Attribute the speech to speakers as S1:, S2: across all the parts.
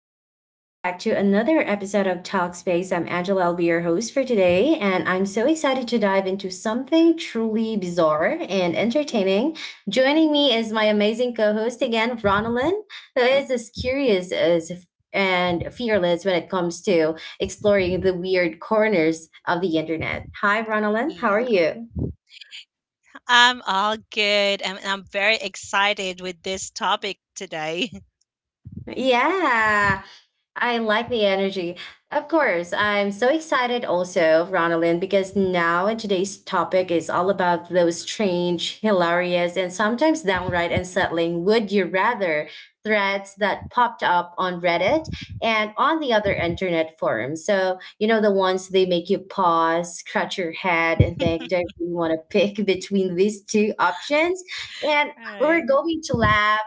S1: and welcome back to another episode of Talkspace. I'm Angela. I'll be your host for today, and I'm so excited to dive into something truly bizarre and entertaining. Joining me is my amazing co host again, Ronalyn, who is as and fearless when it comes to exploring the weird corners of the internet. Hi, Ronalyn. How
S2: Yeah,
S1: are you?
S2: I'm all good. And I'm very excited with this topic today.
S1: Yeah, I like the energy. Of course, I'm so excited also, Ronalyn, because now in today's topic is all about those strange, hilarious, and sometimes downright unsettling would you rather threads that popped up on Reddit and on the other internet forums. So, you know, the ones they make you pause, scratch your head, and think, do I really want to pick between these two options? And
S2: All
S1: we're
S2: right,
S1: going to laugh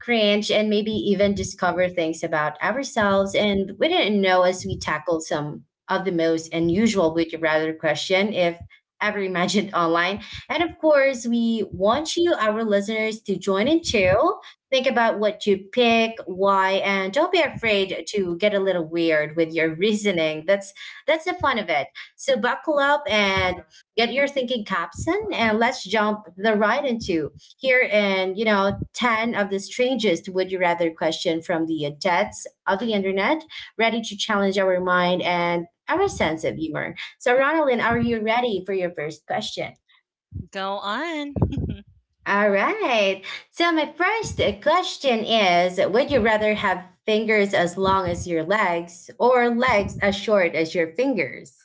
S1: cringe, and maybe even discover things about ourselves and we didn't know as we tackled some of the most unusual would you rather question if ever imagined online. And of course, we want you, our listeners, to join in too. Think about what you pick, why, and don't be afraid to get a little weird with your reasoning. That's the fun of it. So buckle up and get your thinking caps in, and let's jump the right into here in, you know, 10 of the strangest would you rather question from the depths of the internet, ready to challenge our mind and our sense of humor. So, Ronaldin, are you ready for your first question?
S2: go on.
S1: All right. So, my first question is, would you rather have fingers as long as your legs or legs as short as your fingers?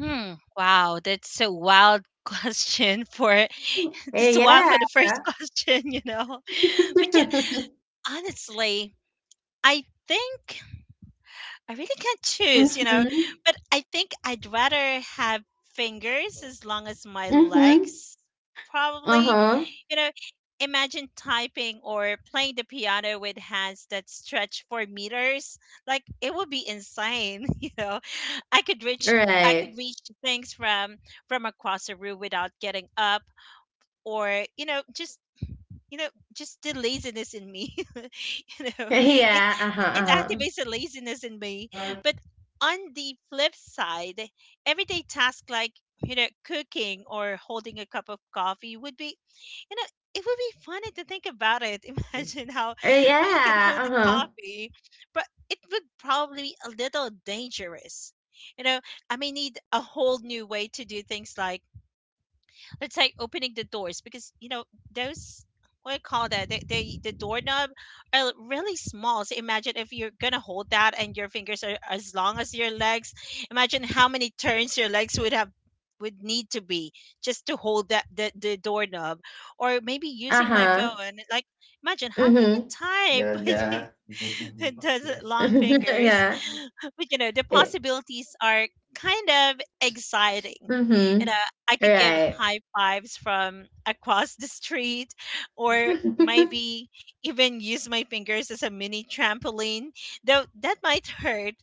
S2: Hmm. Wow, that's a wild question for this wild
S1: Yeah.
S2: for the first question, But yeah, honestly, I think I really can't choose, you know,
S1: Mm-hmm.
S2: but I think I'd rather have fingers as long as my
S1: Mm-hmm.
S2: legs, probably.
S1: Uh-huh.
S2: You know, imagine typing or playing the piano with hands that stretch for meters. Like it would be insane, you know. I could reach I could
S1: Right.
S2: reach things from across the room without getting up or, you know, just just the laziness in me you know. it
S1: Yeah, uh-huh,
S2: it
S1: uh-huh.
S2: activates the laziness in me,
S1: Uh,
S2: but on the flip side, everyday tasks like, cooking or holding a cup of coffee would be, you know it would be funny to think about it. Imagine how, you can
S1: yeah,
S2: hold the
S1: uh-huh.
S2: coffee, but it would probably be a little dangerous. You know, I may need a whole new way to do things, like it's like opening the doors, because you know those, what do you call that? They, the doorknob are really small. So imagine if you're gonna hold that and your fingers are as long as your legs. Imagine how many turns your legs would have would need to be just to hold that, the doorknob, or maybe using my
S1: Uh-huh.
S2: phone. Like, imagine how can you
S1: Mm-hmm.
S2: type with the, with those long fingers.
S1: Yeah.
S2: But you know the
S1: It,
S2: possibilities are kind of exciting. You
S1: mm-hmm.
S2: know, I could give
S1: Right.
S2: high fives from across the street, or maybe even use my fingers as a mini trampoline, though that might hurt.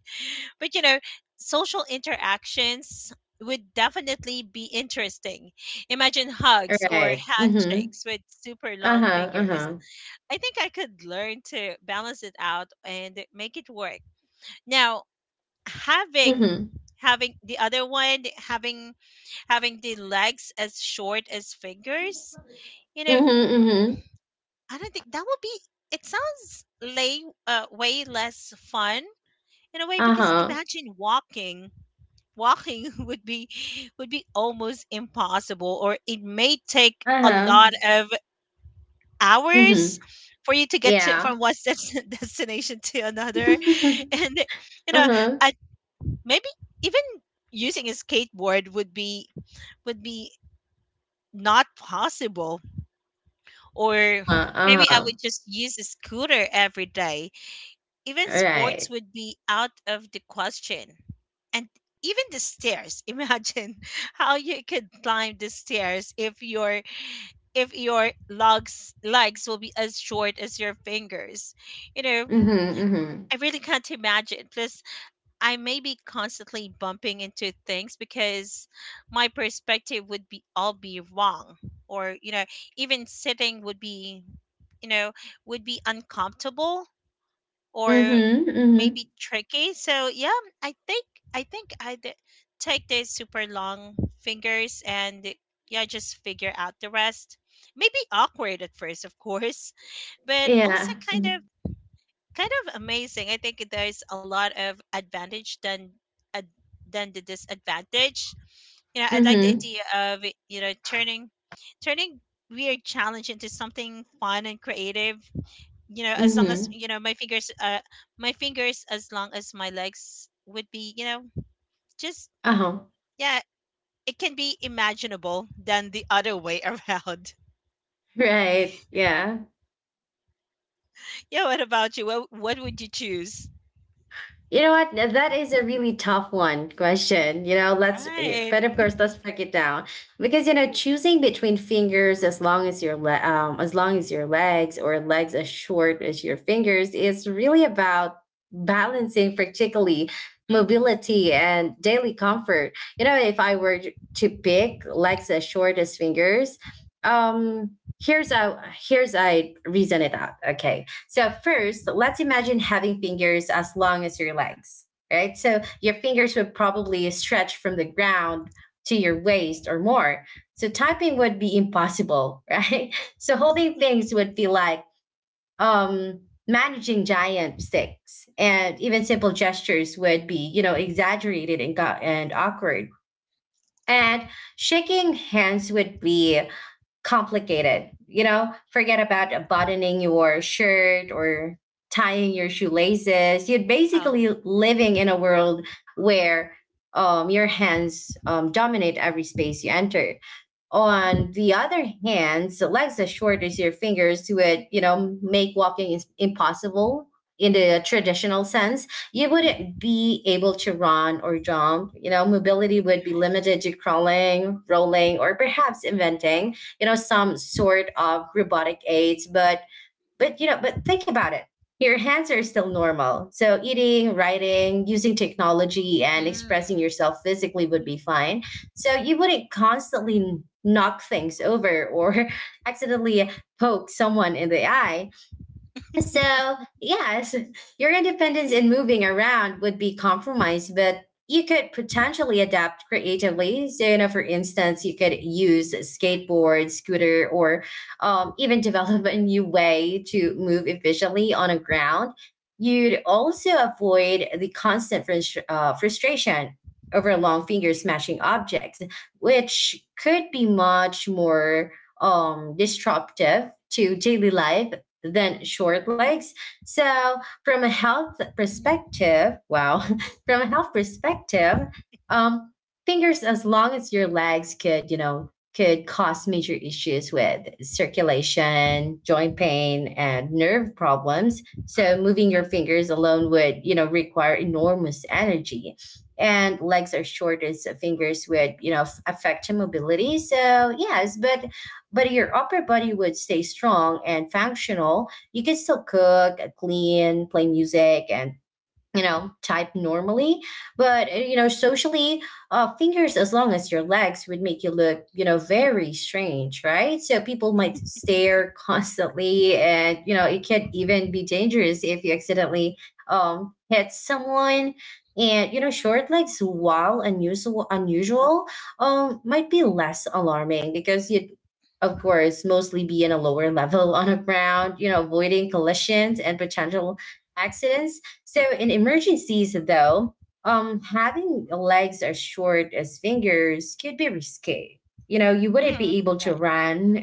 S2: But you know, social interactions would definitely be interesting. Imagine hugs or
S1: Right. Mm-hmm.
S2: handshakes with super long
S1: Uh-huh,
S2: fingers.
S1: uh-huh.
S2: I think I could learn to balance it out and make it work. Now, having
S1: Mm-hmm.
S2: having the other one having having the legs as short as fingers, you know,
S1: Mm-hmm, mm-hmm.
S2: I don't think that would be, it sounds lay way less fun in a way, because
S1: Uh-huh.
S2: imagine walking. Walking would be, would be almost impossible, or it may take a lot
S1: Uh-huh.
S2: of hours
S1: Mm-hmm.
S2: for you to get to
S1: Yeah.
S2: from destination to another. And you know,
S1: Uh-huh.
S2: maybe even using a skateboard would be, would be not possible,
S1: Uh-huh,
S2: or maybe I
S1: uh-huh.
S2: would just use a scooter every day. Even sports
S1: Right.
S2: would be out of the question. And even the stairs, imagine how you could climb the stairs if your, if your legs will be as short as your fingers. You know,
S1: Mm-hmm, mm-hmm.
S2: I really can't imagine. Plus, I may be constantly bumping into things because my perspective would be all be wrong. Or, you know, even sitting would be, you know, would be uncomfortable or
S1: Mm-hmm, mm-hmm.
S2: maybe tricky. So yeah, I think I think I'd take the super long fingers and yeah, just figure out the rest. Maybe awkward at first, of course, but also
S1: Yeah. Mm-hmm.
S2: kind of amazing. I think there's a lot of advantage than ad, than the disadvantage. You know, I like the idea of, you know, turning weird challenge into something fun and creative. You know, as long as,
S1: Mm-hmm.
S2: you know, my fingers, as long as my legs would be, you know, just
S1: Uh-huh.
S2: yeah. It can be imaginable than the other way around.
S1: Right. Yeah.
S2: Yeah, what about you? What would you choose?
S1: You know what? That is a really tough one question. You know, let's,
S2: Right.
S1: but of course, let's break it down because you know, choosing between fingers as long as your legs or legs as short as your fingers is really about balancing, particularly
S2: Mm-hmm.
S1: mobility and daily comfort. You know, if I were to pick legs as short as fingers, um, here's a here's I reason it out. Okay, so first, let's imagine having fingers as long as your legs, right? So your fingers would probably stretch from the ground to your waist or more. So typing would be impossible, right? So holding things would be like managing giant sticks, and even simple gestures would be, you know, exaggerated and awkward. And shaking hands would be complicated. You know, forget about buttoning your shirt or tying your shoelaces. You're
S2: Oh.
S1: basically living in a world where your hands dominate every space you enter. On the other hand, Alexa shortens your fingers to it, you know, make walking is impossible in the traditional sense. You
S2: Mhm.
S1: wouldn't be able to run or jump. You know, mobility would be
S2: Right.
S1: limited to crawling, rolling, or perhaps inventing, you know, some sort of robotic aids. But you know, but think about it. Your hands are still normal. So eating, writing, using technology and expressing
S2: Mm.
S1: yourself physically would be fine. So you wouldn't constantly knock things over or accidentally poke someone in the eye, so, yes, your independence in moving around would be compromised, but you could potentially adapt creatively. So, you know, for instance, you could use a skateboard, scooter, or even develop a new way to move efficiently on a ground. You'd also avoid the constant frustration over long finger smashing objects, which could be much more disruptive to daily life than short legs. So from a health
S2: Mm.
S1: perspective, wow, from a health perspective, um, fingers as long as your legs could, you know, could cause major issues with circulation, joint pain, and nerve problems. So moving your fingers alone would, you know, require enormous energy. And legs are short as fingers would, you know, affect mobility. So yes, but if your upper body would stay strong and functional. You can still cook, clean, play music, and you know, type normally, but you know, socially, fingers as long as your legs would make you look, you know, very strange, right? So people might stare constantly, and you know, it can even be dangerous if you accidentally hit someone. And you know, short legs, while unusual, might be less alarming because you, of course, mostly be in a lower level on the ground, you know, avoiding collisions and potential accidents. So in emergencies, though, having legs as short as fingers could be risky. You know, you wouldn't
S2: Hmm.
S1: be able to
S2: Right.
S1: run,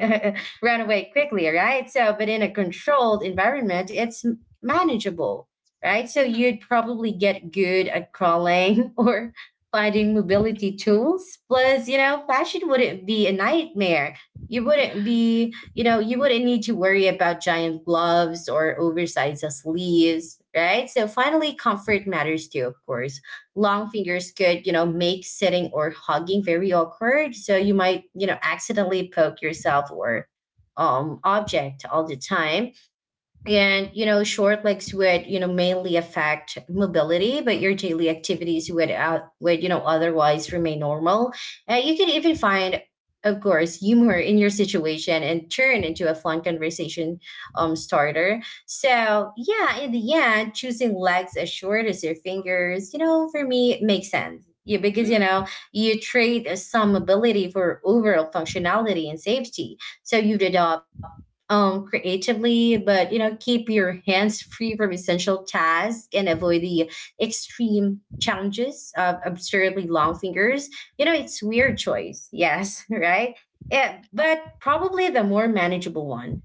S1: run away quickly, right? So, but in a controlled environment, it's manageable, right? So
S2: Hmm.
S1: you'd probably get good at crawling or finding mobility tools. Plus, you know, fashion wouldn't be a nightmare. You wouldn't be you know, you wouldn't need to worry about giant gloves or oversized sleeves, right? So finally, comfort matters too, of course. Long fingers could, you know, make sitting or hugging very awkward. So you might, you know, accidentally poke yourself or object all the time. And, you know, short legs would, you know, mainly affect mobility, but your daily activities would, would, you know, otherwise remain normal. You can even find, of course, humor in your situation and turn into a fun conversation starter. So, yeah, in the end, choosing legs as short as your fingers, you know, for me, it makes sense. Yeah, because, you
S2: Hmm.
S1: know, you trade some mobility for overall functionality and safety. So you'd adopt creatively, but you know, keep your hands free from essential tasks and avoid the extreme challenges of absurdly long fingers. You know, it's weird choice, yes, right? Yeah, but probably the more manageable one.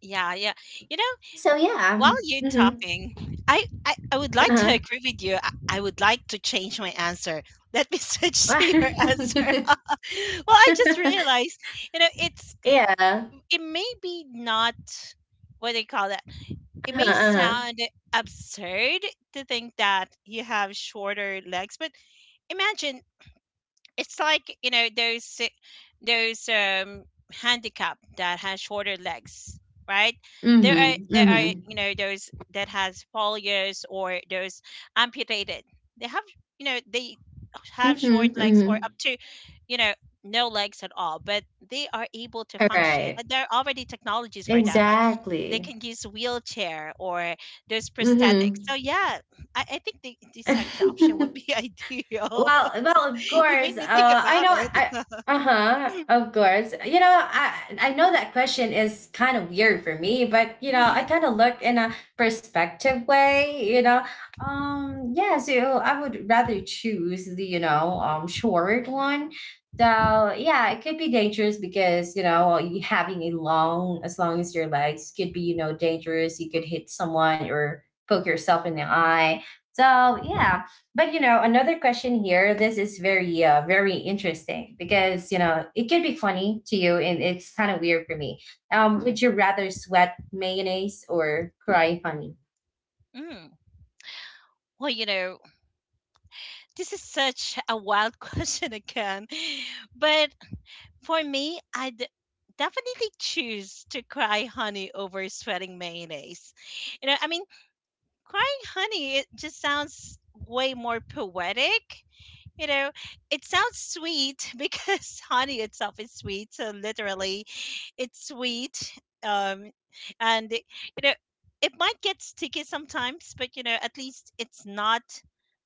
S2: Yeah, yeah. You know,
S1: So
S2: while
S1: yeah,
S2: you're
S1: mm-hmm,
S2: talking, I would like to
S1: uh-huh.
S2: agree with you. I would like to change my answer. Let me switch to your answer. Well, I just realized, you know, it's,
S1: Yeah,
S2: it may be not what they call that. It
S1: uh-huh,
S2: may
S1: uh-huh.
S2: sound absurd to think that you have shorter legs, but imagine, it's like you know those those um handicap that has shorter legs, right? there are
S1: Mm-hmm,
S2: there are
S1: mm-hmm,
S2: you know those that has polio or those amputated. They have, you know, they have short
S1: mm-hmm,
S2: legs
S1: mm-hmm.
S2: or up to, you know, no legs at all, but they are able to
S1: All
S2: function,
S1: right,
S2: and there are already technologies for that, like they
S1: exactly.
S2: can use wheelchair or those prosthetics.
S1: Mm-hmm.
S2: So yeah, I think the second option would be ideal.
S1: Well, well, of
S2: You made
S1: course.
S2: me think
S1: I
S2: about
S1: know.
S2: it.
S1: I uh huh. Of course. You know, I know that question is kind of weird for me, but you know, I
S2: Mhm.
S1: kind of look in a perspective way. You know, yeah. So I would rather choose the, you know, um, short one. So yeah, it could be dangerous because you know you having a long as your legs could be, you know, dangerous. You could hit someone or poke yourself in the eye. So yeah, but you know, another question here. This is very interesting because you know it can be funny to you, and it's kind of weird for me. Would you rather sweat mayonnaise or cry honey?
S2: Mm. Well, you know, this is such a wild question again. But for me, I'd definitely choose to cry honey over sweating mayonnaise. You know, I mean, crying honey, it just sounds way more poetic. You know, it sounds sweet because honey itself is sweet. So literally, it's sweet. Um, and it, you know, it might get sticky sometimes, but you know, at least it's not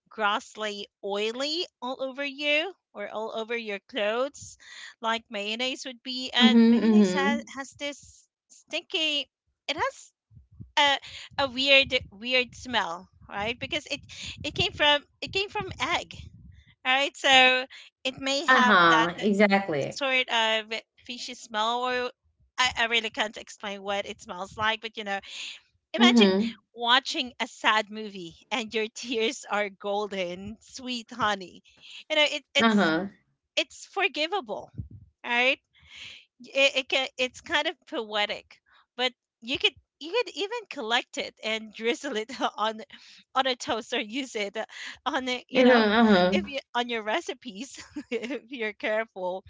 S2: grossly oily all over you or all over your clothes, like mayonnaise would be. And
S1: Mm-hmm.
S2: mayonnaise has
S1: Mm-hmm.
S2: has this stinky. It has a weird smell, right? Because it came from egg. All right, so it may
S1: Uh
S2: have that
S1: huh. Exactly.
S2: sort of fishy smell, or I really can't explain what it smells like. But you know, imagine
S1: Mm-hmm.
S2: watching a sad movie and your tears are golden, sweet honey. You know,
S1: Uh
S2: it's
S1: huh.
S2: forgivable, right? It's kind of poetic, but you could, you could even collect it and drizzle it on on a toast, or use it on a, you know,
S1: Uh huh.
S2: if you on your recipes if you're careful.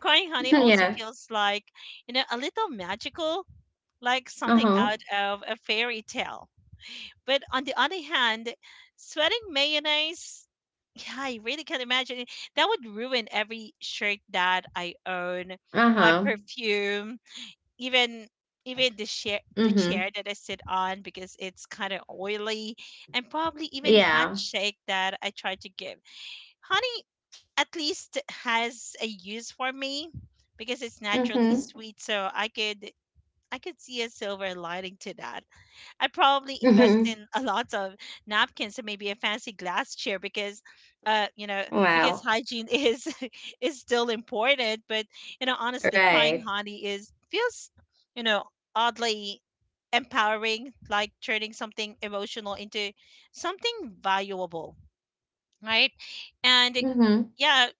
S2: Crying honey also
S1: Yeah.
S2: feels like, you know, a little magical, like
S1: Uh
S2: something
S1: huh.
S2: out of a fairy tale. But on the other hand, sweating mayonnaise, yeah, I really can't imagine it. That would ruin every shirt that I own,
S1: Uh
S2: my
S1: huh.
S2: perfume, even, the chair,
S1: Mm-hmm.
S2: that I sit on, because it's kind of oily, and probably even
S1: Yeah.
S2: handshake that I try to give. Honey at least has a use for me because it's naturally
S1: Mm-hmm.
S2: sweet, so I could see a silver lining to that. I probably invest
S1: Mm-hmm.
S2: in a lot of napkins and maybe a fancy glass chair because, you know, because
S1: Wow.
S2: hygiene is is still important. But you know, honestly, crying
S1: Right.
S2: honey is feels, you know, oddly empowering, like turning something emotional into something valuable, right? And
S1: Mm-hmm.
S2: yeah,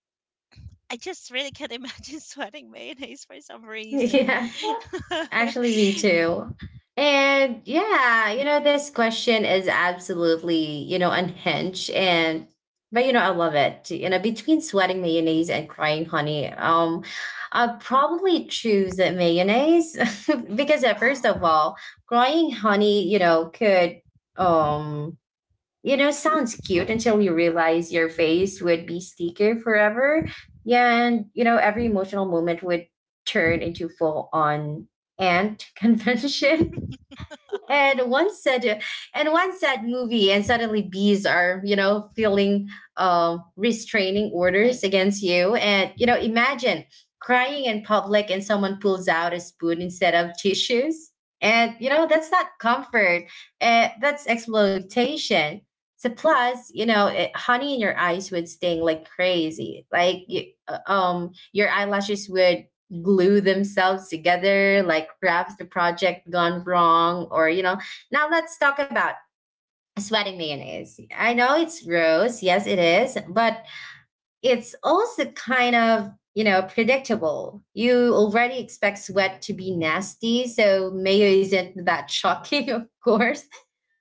S2: I just really can't imagine sweating mayonnaise for some reason.
S1: Yeah. Actually, me too. And yeah, you know, this question is absolutely, you know, unhinged. And, but, you know, I love it. You know, between sweating mayonnaise and crying honey, I'll probably choose the mayonnaise because, first
S2: Wow,
S1: of all, crying honey, you know, um, you know, sounds cute until you realize your face would be sticker forever. Yeah, and you know, every emotional moment would turn into full on ant convention and one said and one sad movie and suddenly bees are, you know, feeling restraining orders against you, and you know, imagine crying in public and someone pulls out a spoon instead of tissues, and you know, that's not comfort, that's exploitation. So plus, you know, it, honey in your eyes would sting like crazy, like you, your eyelashes would glue themselves together, like perhaps the project gone wrong, or you know. Now let's talk about sweating mayonnaise. I know it's gross, yes, it is, but it's also kind of you know predictable. You already expect sweat to be nasty, so mayo isn't that shocking, of course.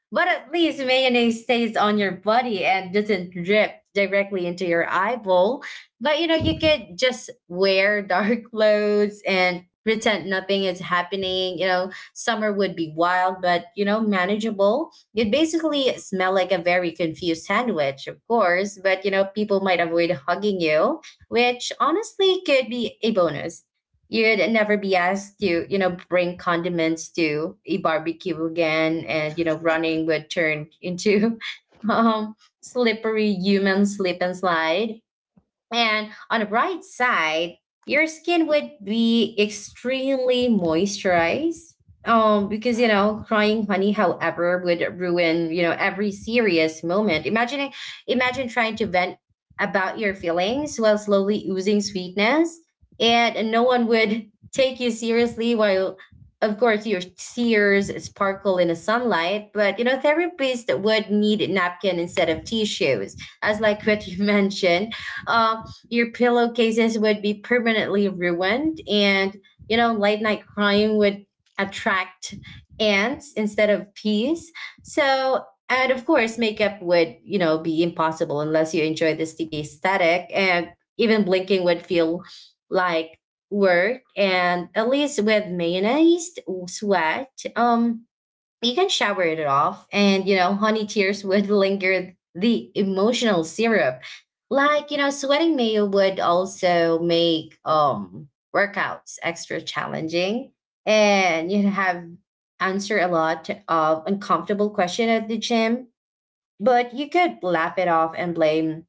S1: But at least mayonnaise stays on your body and doesn't drip directly into your eyeball. But you know, you could just wear dark clothes and pretend nothing is happening. You know, summer would be wild, but you know, manageable. You'd basically smell like a very confused sandwich, of course, but you know, people might avoid hugging you, which honestly could be a bonus. You'd never be asked to, you know, bring condiments to a barbecue again, and you know, running would turn into um, slippery human slip and slide. And on the bright side, your skin would be extremely moisturized. Because you know,
S2: wow,
S1: crying honey, however, would ruin, you know, every serious moment. Imagine trying to vent about your feelings while slowly oozing sweetness. And no one would take you seriously while, of course, your tears sparkle in the sunlight. But you know, therapists would need napkin instead of tissues as like what you mentioned. uh, your pillowcases would be permanently ruined. You know, late night crying would attract ants instead of peas. So, and of course, makeup would, you know, be impossible unless you enjoy the sticky aesthetic. And even blinking would feel like work. And at least with mayonnaise, sweat, you can shower it off, and you know honey tears would linger the emotional syrup. Like, you know, sweating mayo would also make workouts extra challenging, and you have answer a lot of uncomfortable question at the gym, but you could laugh it off and blame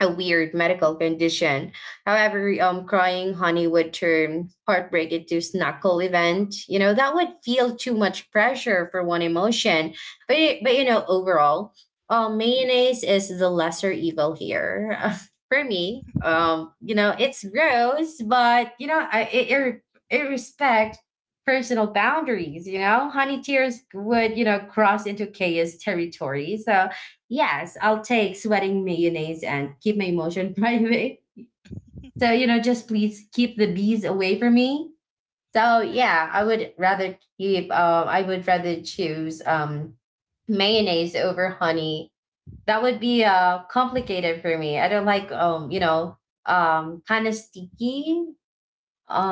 S1: a weird medical condition. However, crying honey would turn heartbreak into snackle event. You know, that would feel too much pressure for one emotion. But you know, overall, mayonnaise is the lesser evil here. For me, you know, it's gross, but, you know, it respect personal boundaries. You know, honey tears would, you know, cross into chaos territory. So yes, I'll take sweating mayonnaise and keep my emotion private. So, you know, just please keep the bees away from me. So,
S2: right?
S1: yeah, I would rather keep, I would rather choose mayonnaise over honey. That would be complicated for me. I don't like, you know, kind of sticky.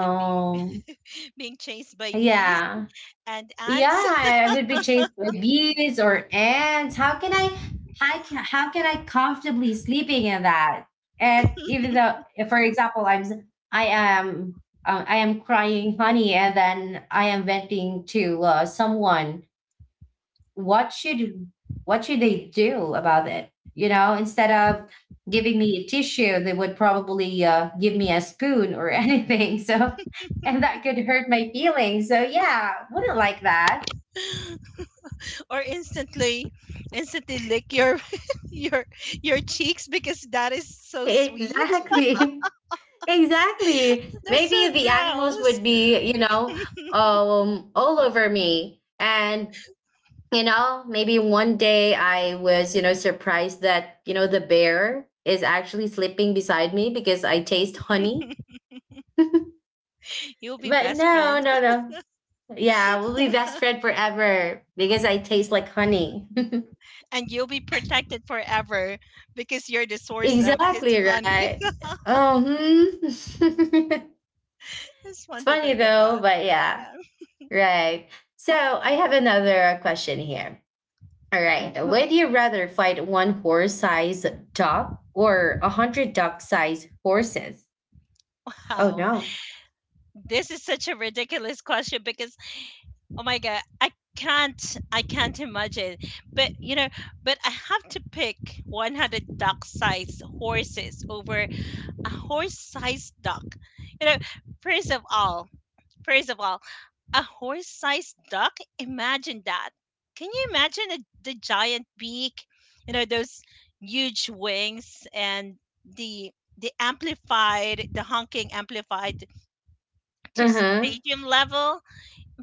S2: And being chased by bees
S1: yeah.
S2: and
S1: Yeah,
S2: ants
S1: I would be chased by bees or ants. How can I comfortably sleeping in that? And even though, if, for example, I am crying honey, and then I am venting to someone. What should, what should they do about it? You know, instead of giving me a tissue, they would probably give me a spoon or anything. So, and that could hurt my feelings. So yeah, wouldn't like that.
S2: or instantly lick your your your cheeks because that is so sweet.
S1: Exactly. Exactly.
S2: That's so
S1: Maybe the animals
S2: gross.
S1: would be, you know, all over me. And you know, maybe one day I was, you know, surprised that, you know, the bear is actually sleeping beside me because I taste honey.
S2: You'll be
S1: But
S2: best
S1: no,
S2: friends,
S1: no, no. Yeah, we'll be best friend forever because I taste like honey.
S2: and you'll be protected forever because you're the source of his
S1: Exactly,
S2: honey.
S1: right. Um, it's
S2: It's fun to
S1: funny
S2: think
S1: though,
S2: about.
S1: but yeah.
S2: Yeah.
S1: Right. So I have another question here. All right. Mhm. Would you rather fight one horse sized dog or a hundred dog sized horses? Oh
S2: Wow,
S1: no.
S2: this is such a ridiculous question because, oh my god, I can't imagine. But you know, but I have to pick 100 duck-sized horses over a horse-sized duck. You know, first of all, first of all, a horse-sized duck, imagine that. Can you imagine the giant beak, you know, those huge wings, and the the amplified, the honking amplified to
S1: Uh-huh.
S2: stadium level?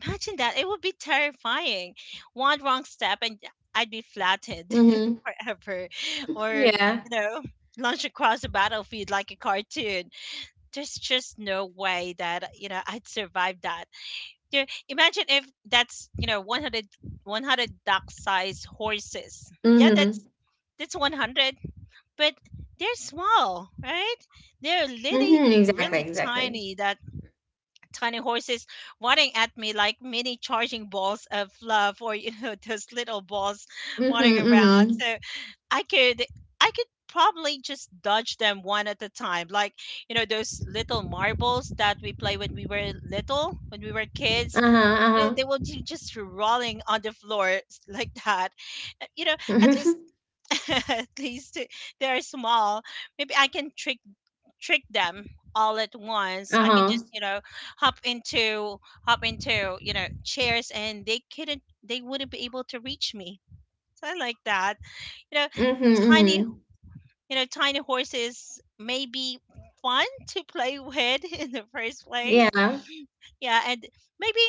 S2: Imagine that. It would be terrifying. One wrong step and I'd be flattened
S1: Mm-hmm.
S2: forever. Or,
S1: Yeah.
S2: you know, launch across the battlefield like a cartoon. There's just no way that, you know, I'd survive that. There, imagine if that's, you know, one duck-sized horses. Yeah, that's
S1: Mm-hmm.
S2: that's 100, but they're small, right? They're
S1: Mm-hmm. Exactly.
S2: really
S1: Exactly.
S2: tiny, that tiny horses wanting at me like mini charging balls of love, or you know, those little balls
S1: Mm-hmm.
S2: wanting around.
S1: Mm-hmm.
S2: So I could, I could probably just dodge them one at a time, like, you know, those little marbles that we play when we were little, when we were kids. You,
S1: Uh-huh.
S2: they will be just rolling on the floor s- like that. You know, at
S1: Uh-huh.
S2: least, at least they are small. Maybe I can trick, trick them all at once. I can just,
S1: uh-huh.
S2: you know, hop into, you know, chairs, and they wouldn't be able to reach me. So I like that. You know,
S1: Mm-hmm.
S2: tiny,
S1: Mm-hmm.
S2: you know, tiny horses may be fun to play with in the first place.
S1: Yeah.
S2: Yeah, and maybe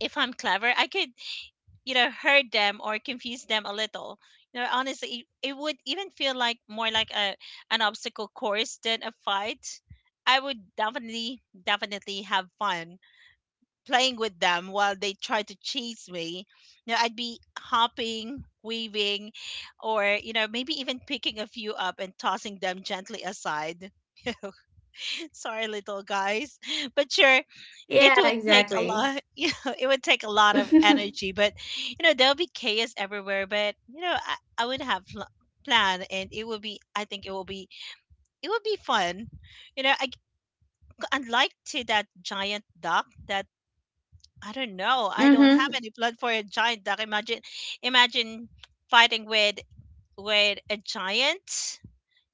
S2: if I'm clever, I could hurt them or confuse them a little. Honestly, it would even feel like more like a an obstacle course than a fight. I would definitely have fun playing with them while they try to chase me. I'd be hopping, waving, or maybe even picking a few up and tossing them gently aside. Sorry little guys, but sure, it
S1: Yeah,
S2: would take a
S1: exactly.
S2: lot. It would take a lot of
S1: mm-hmm.
S2: energy. But there'll be chaos everywhere. But I would have plan, and it would be, I think it will be, it would be fun. you know I, Unlike to that giant duck, that I don't know, I don't have
S1: Uh-huh.
S2: any blood for a giant duck. Imagine, imagine fighting with a giant,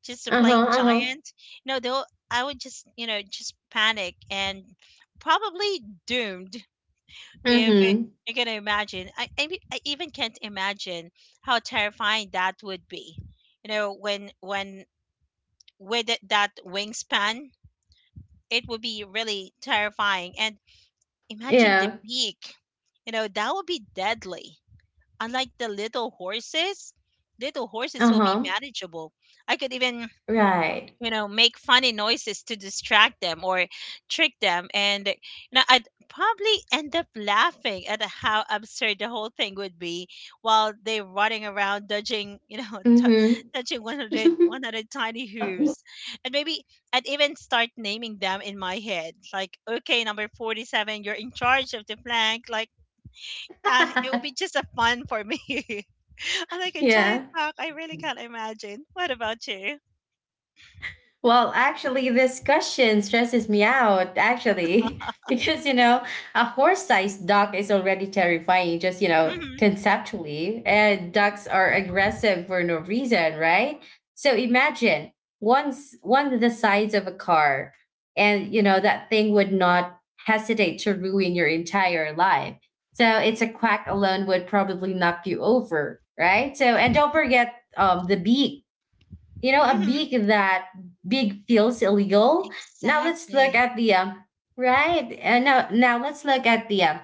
S2: just a plain
S1: Uh-huh.
S2: giant. No though, I would just just panic and probably doomed. If it,
S1: Mm-hmm.
S2: You're gonna imagine I even can't imagine how terrifying that would be. When with it, that wingspan, it would be really terrifying. And imagine the
S1: Yeah.
S2: beak. That would be deadly, unlike the little horses. Little horses will be
S1: Uh-huh.
S2: manageable. I could even
S1: Right.
S2: make funny noises to distract them or trick them. And I'd probably end up laughing at how absurd the whole thing would be while they're running around dodging,
S1: Mm-hmm.
S2: touching 100, 100 tiny hooves. And maybe I'd even start naming them in my head like, okay, number 47, you're in charge of the flank, like. Yeah, it would be just a fun for me. I like a giant
S1: yeah.
S2: cock, I really can't imagine. What about you?
S1: Well, actually, this question stresses me out, actually, because, you know, a horse sized dog is already terrifying, just, you know,
S2: Hmm.
S1: conceptually. And dogs are aggressive for no reason, right? So imagine once one the size of a car, and, you know, that thing would not hesitate to ruin your entire life. So it's a quack alone would probably knock you over, right? So, and don't forget the beak, you know, a
S2: Hmm.
S1: big that big feels illegal. Now let's look
S2: Exactly.
S1: at the right. Now let's look at the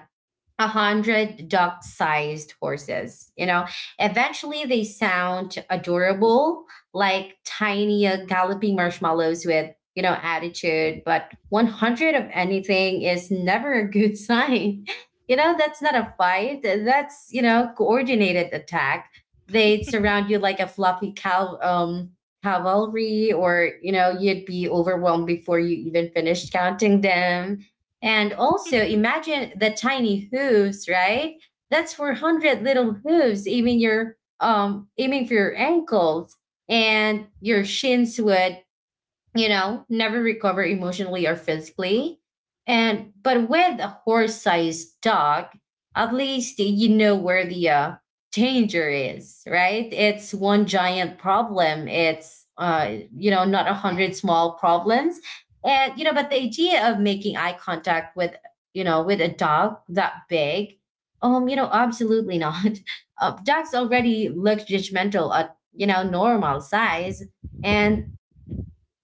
S1: a hundred dog-sized horses. You know, eventually they sound adorable, like tiny galloping marshmallows with you know attitude. But 100 of anything is never a good sign. You know, that's not a fight. That's you know coordinated attack. They'd surround you like a fluffy cow. Cavalry, or you know you'd be overwhelmed before you even finished counting them, and also imagine the tiny hooves, right? That's 400 little hooves, even your even for your ankles and your shins would, you know, never recover emotionally or physically. And but with a horse-sized dog, at least you know where the danger is, right? It's one giant problem. It's you know, not a hundred small problems. And you know, but the idea of making eye contact with, you know, with a dog that big, you know, absolutely not. Dogs already look judgmental at you know normal size. And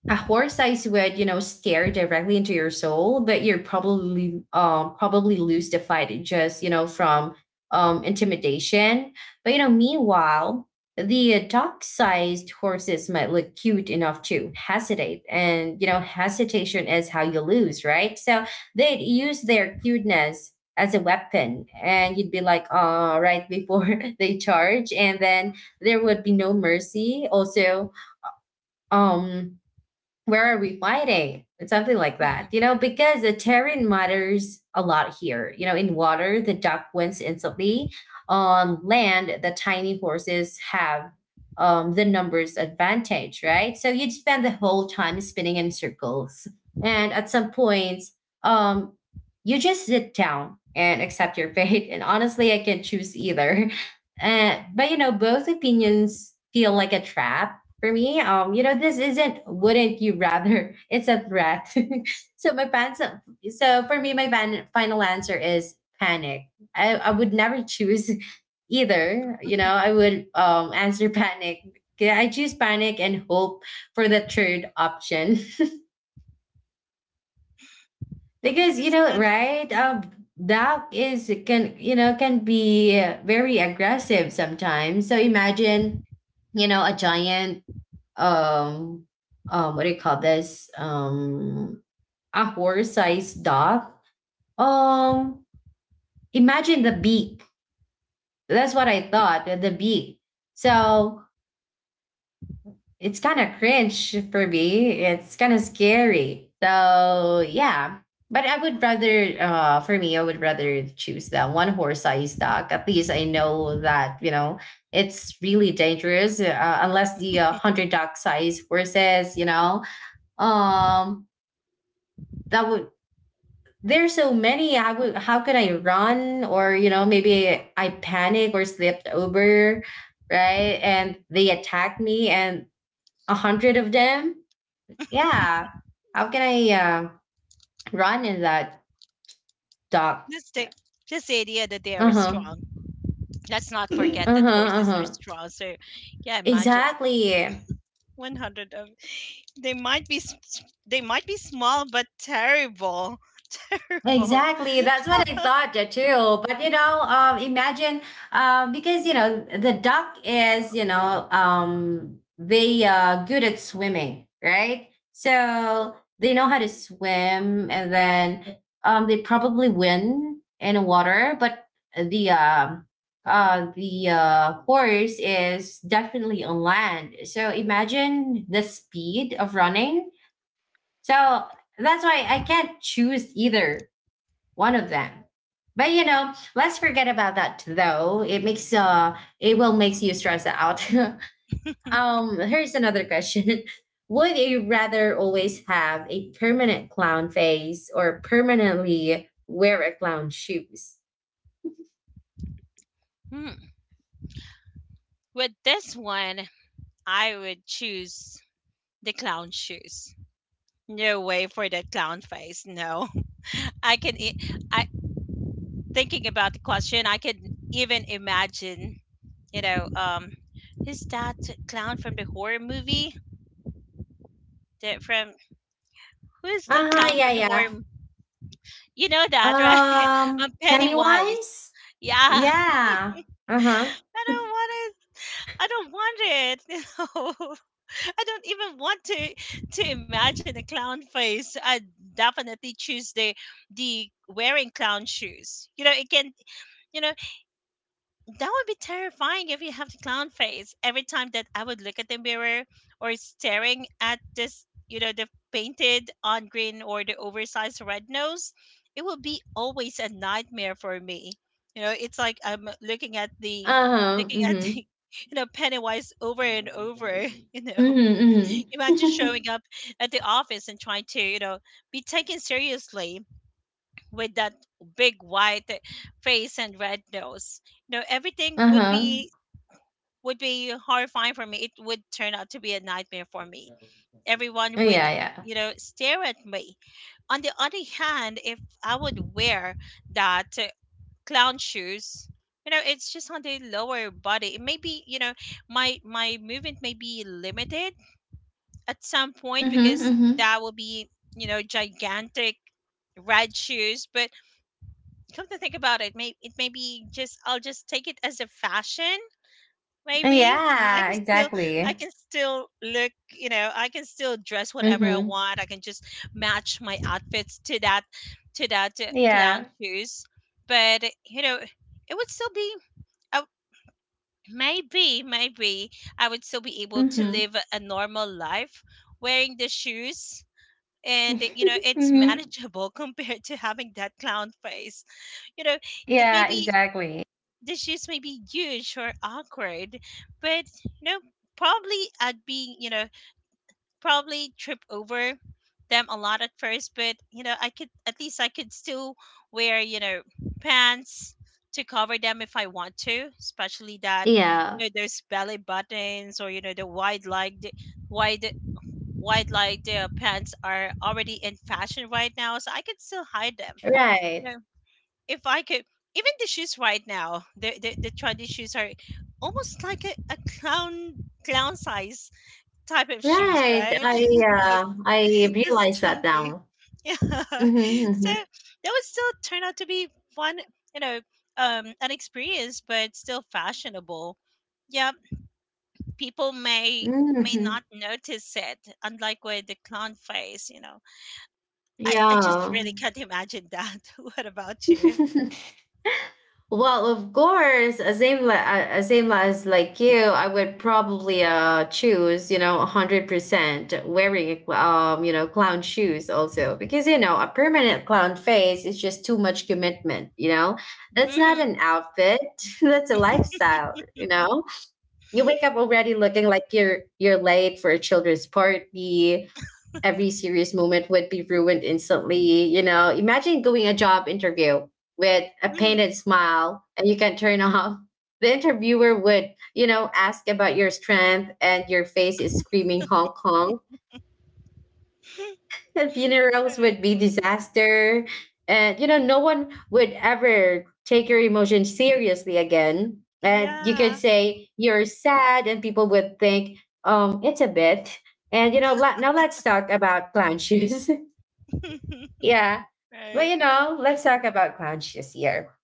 S1: a horse eyes would you know stare directly into your soul, but you're probably probably lose the fight just you know from intimidation. But you know, meanwhile, the dog sized horses might look cute enough to hesitate, and you know hesitation is how you lose, right? So they'd use their cuteness as a weapon, and you'd be like all right before they charge, and then there would be no mercy. Also, um where are we fighting? It's something like
S2: Mhm.
S1: that, you know, because the terrain matters a lot here. You know, in water, the duck wins instantly. On land, the tiny horses have the numbers advantage, right? So you'd spend the whole time spinning in circles. And at some point, um, you just sit down and accept your fate. And honestly, I can choose either. But, you know, both opinions feel like a trap for me. You know, this isn't wouldn't you rather? It's a threat. So my fans, so so for me, my fan, final answer is panic. I would never choose either. You know, I would answer panic. Yeah, I choose panic and hope for the third option because you
S2: It's
S1: know,
S2: fun to do.
S1: right?
S2: Mhm.
S1: Doc is can you know can be very aggressive sometimes. So imagine, you know, a giant um what do you call this a horse-sized dog, um imagine the beak, that's what I thought, the beak. So it's kind of cringe for me, it's kind of scary, so yeah. But I would rather for me I would rather choose that one horse-sized dog. At least I know that, you know, it's really dangerous. Unless the 100 dog size horses, you know, um that would, there's so many. I would, how could I run? Or you know maybe I panic or slipped over, right, and they attacked me, and a hundred of them. Yeah, how can I run in that dark?
S2: Just the, just the idea that they are
S1: Uh-huh.
S2: strong. Let's not forget that
S1: Uh-huh.
S2: horses are
S1: Uh-huh.
S2: strong. So, yeah, imagine
S1: Exactly.
S2: 100 of, they might be they might be small but terrible, terrible.
S1: Exactly. That's what I thought too. But you know, imagine because you know the duck is you know they good at swimming, right? So they know how to swim, and then they probably win in the water. But the horse is definitely on land. So imagine the speed of running. So that's why I can't choose either one of them. But you know, let's forget about that though, it makes it will makes you stress out. Here's another question. Would you rather always have a permanent clown face or permanently wear a clown shoes?
S2: Hmm. With this one, I would choose the clown shoes. No way for the clown face. No, I can. I thinking about the question. I can even imagine, you know, um, who's that clown from the horror movie? The from Who is the
S1: Ah,
S2: clown
S1: yeah,
S2: from the horror?
S1: yeah.
S2: You know that, right? Pennywise.
S1: Pennywise?
S2: Yeah, I
S1: Yeah. Uh-huh.
S2: don't want it. I don't want it. You know, I don't even want to imagine a clown face. I definitely choose the wearing clown shoes. You know, it can. You know, that would be terrifying if you have the clown face. Every time that I would look at the mirror or staring at this, you know, the painted on green or the oversized red nose, it will be always a nightmare for me. You know, it's like I'm looking at the,
S1: Uh-huh.
S2: looking at
S1: Mm-hmm.
S2: the you know Pennywise over and over, you know.
S1: Mm-hmm.
S2: Imagine
S1: Mm-hmm.
S2: showing up at the office and trying to, you know, be taken seriously with that big white face and red nose. You know, everything would
S1: Uh-huh.
S2: be, would be horrifying for me. It would turn out to be a nightmare for me. Everyone
S1: yeah,
S2: would,
S1: yeah.
S2: you know, stare at me. On the other hand, if I would wear that clown shoes, you know, it's just on the lower body. It may be, you know, my movement may be limited at some point
S1: Mm-hmm.
S2: because
S1: Mm-hmm.
S2: that will be, you know, gigantic red shoes, but come to think about it may be just I'll just take it as a fashion. Maybe you know I
S1: Yeah,
S2: can still, I
S1: exactly.
S2: can still look, you know, I can still dress whatever I
S1: Mm-hmm.
S2: want. I can just match my outfits to that, to that clown
S1: Yeah.
S2: shoes. But you know it would still be uh, maybe, maybe I would still be able to
S1: Mm-hmm.
S2: live a normal life wearing the shoes. And you know it's
S1: mm-hmm.
S2: manageable compared to having that clown face. You know it may
S1: Yeah,
S2: be
S1: exactly.
S2: the shoes may be huge or awkward, but you know, probably I'd be, you know, probably trip over them a lot at first, but you know, I could at least I could still wear, you know, pants to cover them if I want to, especially that, you
S1: Yeah.
S2: know, those belly buttons, or you know the wide legged, wide wide legged pants are already in fashion right now, so I could still hide them
S1: Right.
S2: if I could. Even the shoes right now, the trendy shoes are almost like a clown, clown size type of shoes,
S1: Right.
S2: right?
S1: I
S2: Those,
S1: uh, I
S2: this
S1: realized that
S2: chunky,
S1: now.
S2: yeah. So that
S1: Mm-hmm. Mm-hmm.
S2: would still turn out to be fun, you know, an experience, but still fashionable. Yeah, people may
S1: Mm-hmm.
S2: not notice it, unlike with the clown face. You know, I just
S1: Yeah.
S2: really can't imagine that. What about you?
S1: Well, of course, same as like you, I would probably choose, you know, 100% wearing you know, clown shoes also because you know, a permanent clown face is just too much commitment, you know? That's not
S2: Hmm.
S1: an outfit, that's a lifestyle, you know? You wake up already looking like you're late for a children's party, every serious moment would be ruined instantly. You know, imagine going a job interview with a painted smile and you can turn off. The interviewer would, you know, ask about your strength and your face is screaming Hong Kong. The funerals
S2: Hmm.
S1: would be disaster. And, you know, no one would ever take your emotions seriously again. And you could
S2: Yeah.
S1: say you're sad and people would think, it's a bit. And, you know, now let's talk about clown shoes. Yeah. But
S2: Right.
S1: you know, let's talk about Grouch this year.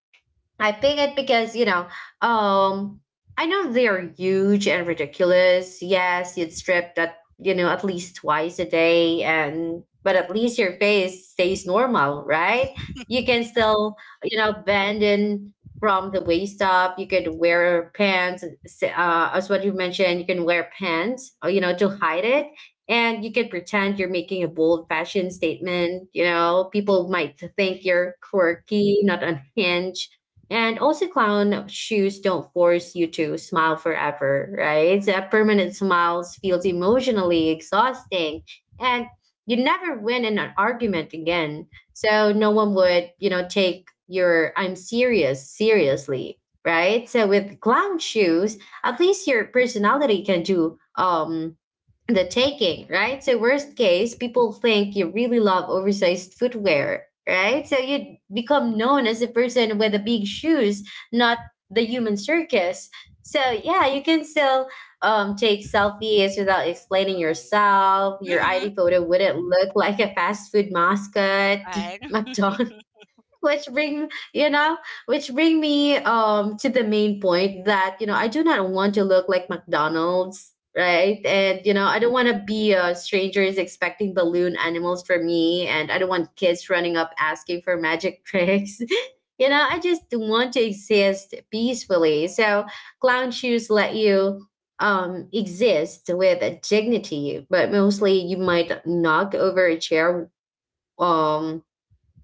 S1: I pick it because you know, um, I know they are huge and ridiculous. Yes, you'd strip that you know at least twice a day, and but at least your face stays normal, right? You can still you know bend in from the waist up. You could wear pants, as what you mentioned. You can wear pants, you know, to hide it. And you can pretend you're making a bold fashion statement. You know, people might think
S2: Right.
S1: you're quirky, not unhinged. And also, clown shoes don't force you to smile forever, right? That permanent smiles feels emotionally exhausting, and you never win in an argument again. So no one would, you know, take your "I'm serious" seriously, right? So with clown shoes, at least your personality can do the taking, right? So worst case, people think you really love oversized footwear, right? So you become known as a person with the big shoes, not the human circus. So yeah, you can still take selfies without explaining yourself. Your
S2: Mm-hmm.
S1: ID photo wouldn't look like a fast food mascot,
S2: Right.
S1: McDonald's which bring you know which bring me to the main point that you know I do not want to look like McDonald's, right? And you know, I don't want to be a stranger is expecting balloon animals for me, and I don't want kids running up asking for magic tricks. You know, I just want to exist peacefully. So clown shoes let you exist with dignity. But mostly you might knock over a chair, um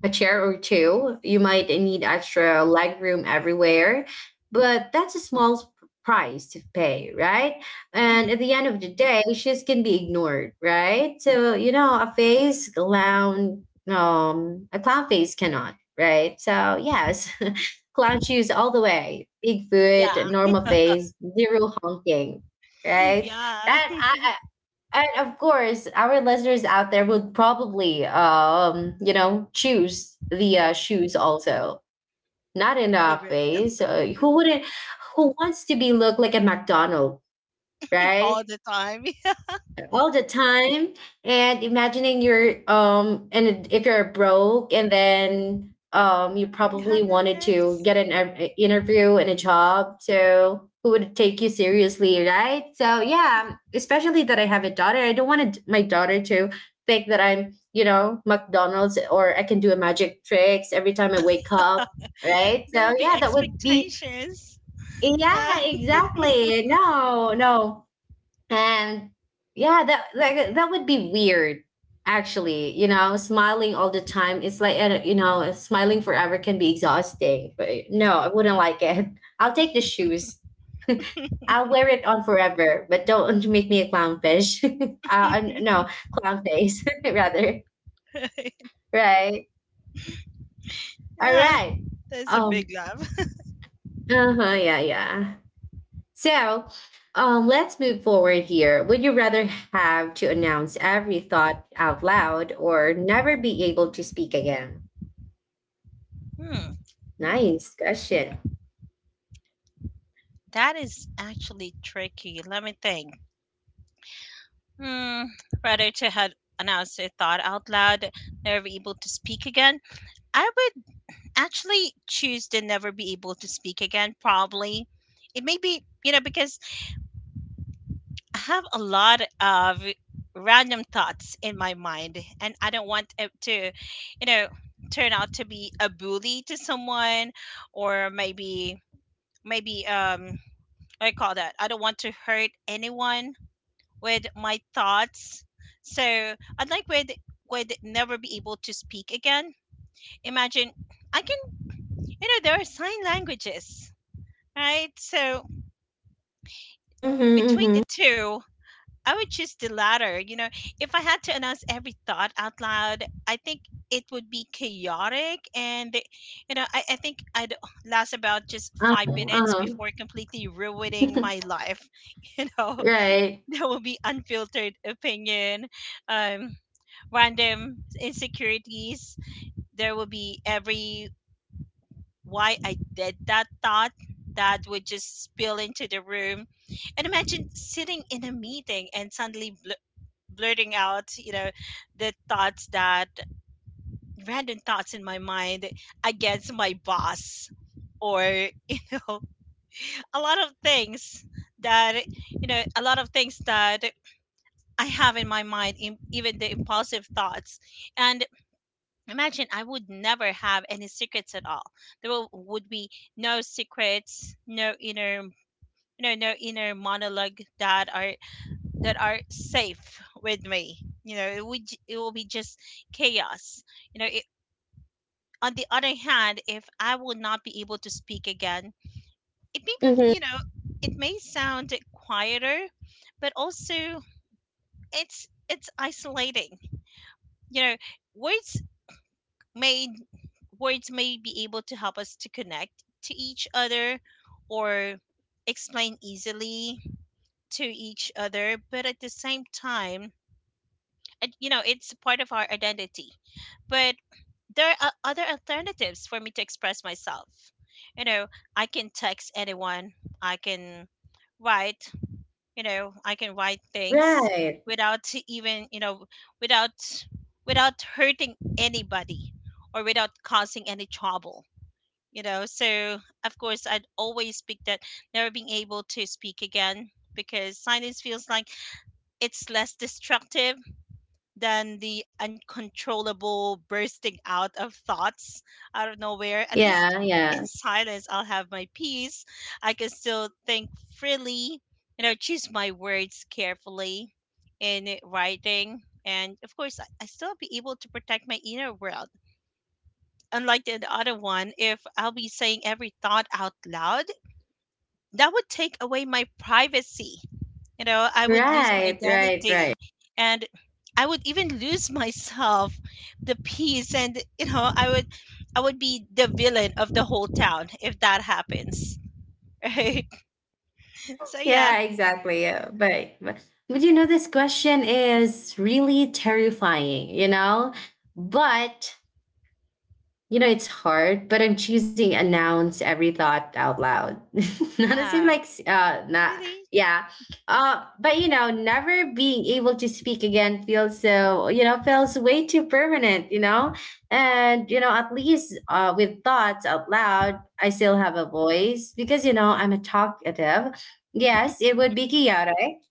S1: a chair or two. You might need extra leg room everywhere, but that's a small price to pay, right? And
S2: Mm-hmm.
S1: at the end of the day, shoes can be ignored, right? So you know, a face clown, a clown face cannot, right? So yes, clown shoes all the way. Big
S2: Yeah.
S1: foot, normal face, zero honking, right?
S2: Yeah.
S1: That I, and of course, our listeners out there would probably, you know, choose the shoes also. Not in our
S2: Over there.
S1: face. Who wouldn't? Who wants to be look like a McDonald,
S2: All
S1: right?
S2: the time.
S1: All the time. And imagining you're and if you're broke, and then you
S2: You
S1: probably
S2: have that
S1: wanted to
S2: face?
S1: get an interview and a job. So who would take you seriously, right? So yeah, especially that I have a daughter. I don't want to, my daughter to think that I'm, you know, McDonald's, or I can do a magic tricks every time I wake up, right?
S2: There
S1: So
S2: will be
S1: yeah, that would be,
S2: expectations. Yeah.
S1: yeah, exactly. No, no. And yeah, that, like, that would be weird. Actually, you know, smiling all the time, it's like, you know, smiling forever can be exhausting. But no, I wouldn't like it. I'll take the shoes. I'll wear it on forever, but don't make me a clownfish. No clown face, rather.
S2: Right.
S1: Right. All
S2: Yeah.
S1: right.
S2: That's a
S1: um
S2: big love.
S1: uh-huh, yeah, yeah. So, let's move forward here. Would you rather have to announce every thought out loud or never be able to speak again?
S2: Hmm.
S1: Nice question.
S2: That is actually tricky. Let me think. Hmm. Rather to have announced a thought out loud, never able to speak again. I actually choose to never be able to speak again probably. It may be you know because I have a lot of random thoughts in my mind and I don't want it to, you know, turn out to be a bully to someone. Or maybe, maybe um, I call that, I don't want to hurt anyone with my thoughts. So I'd like with, would never be able to speak again. Imagine I can, you know, there are sign languages. Right. So
S1: Mm-hmm,
S2: between
S1: mm-hmm.
S2: the two, I would choose the latter. You know, if I had to announce every thought out loud, I think it would be chaotic. And, you know, I think I'd last about just five
S1: Uh-huh,
S2: minutes
S1: uh-huh.
S2: before completely ruining my life. You know,
S1: Right.
S2: there will be unfiltered opinion, um, random insecurities. There will be every why I did that thought, that would just spill into the room. And imagine sitting in a meeting and suddenly blurting out, you know, the thoughts that, random thoughts in my mind against my boss, or you know, a lot of things that, you know a lot of things that I have in my mind, even the impulsive thoughts. And imagine I would never have any secrets at all. There will, would be no secrets, no inner, you know, no inner monologue that are, that are safe with me. You know, it would it will be just chaos. You know, it, on the other hand, if I will not be able to speak again, it may be,
S1: Mm-hmm.
S2: you know, it may sound quieter, but also it's isolating. You know, words may words may be able to help us to connect to each other, or explain easily to each other, but at the same time, and, you know it's part of our identity. But there are other alternatives for me to express myself. You know, I can text anyone, I can write, you know I can write things
S1: Right.
S2: without to even you know, without, without hurting anybody or without causing any trouble. You know, so of course I'd always pick that, never being able to speak again, because silence feels like it's less destructive than the uncontrollable bursting out of thoughts out of nowhere. At least
S1: Yeah,
S2: in
S1: yeah.
S2: silence I'll have my peace, I can still think freely, you know, choose my words carefully in writing, and of course I still be able to protect my inner world, unlike the other one. If I'll be saying every thought out loud, that would take away my privacy. You know, I would lose my
S1: Right, right,
S2: identity
S1: right.
S2: and I would even lose myself, the peace, and you know, I would, I would be the villain of the whole town if that happens. Right? So yeah.
S1: Yeah, exactly. Yeah. But, but you know, this question is really terrifying, you know? But you know, it's hard, but I'm choosing announce every thought out loud. Not as if
S2: Yeah.
S1: like not,
S2: Really?
S1: yeah. Uh, but you know, never being able to speak again feels so, you know, feels way too permanent, you know? And you know, at least with thoughts out loud, I still have a voice because you know, I'm a talkative. Yes, it would be chaotic,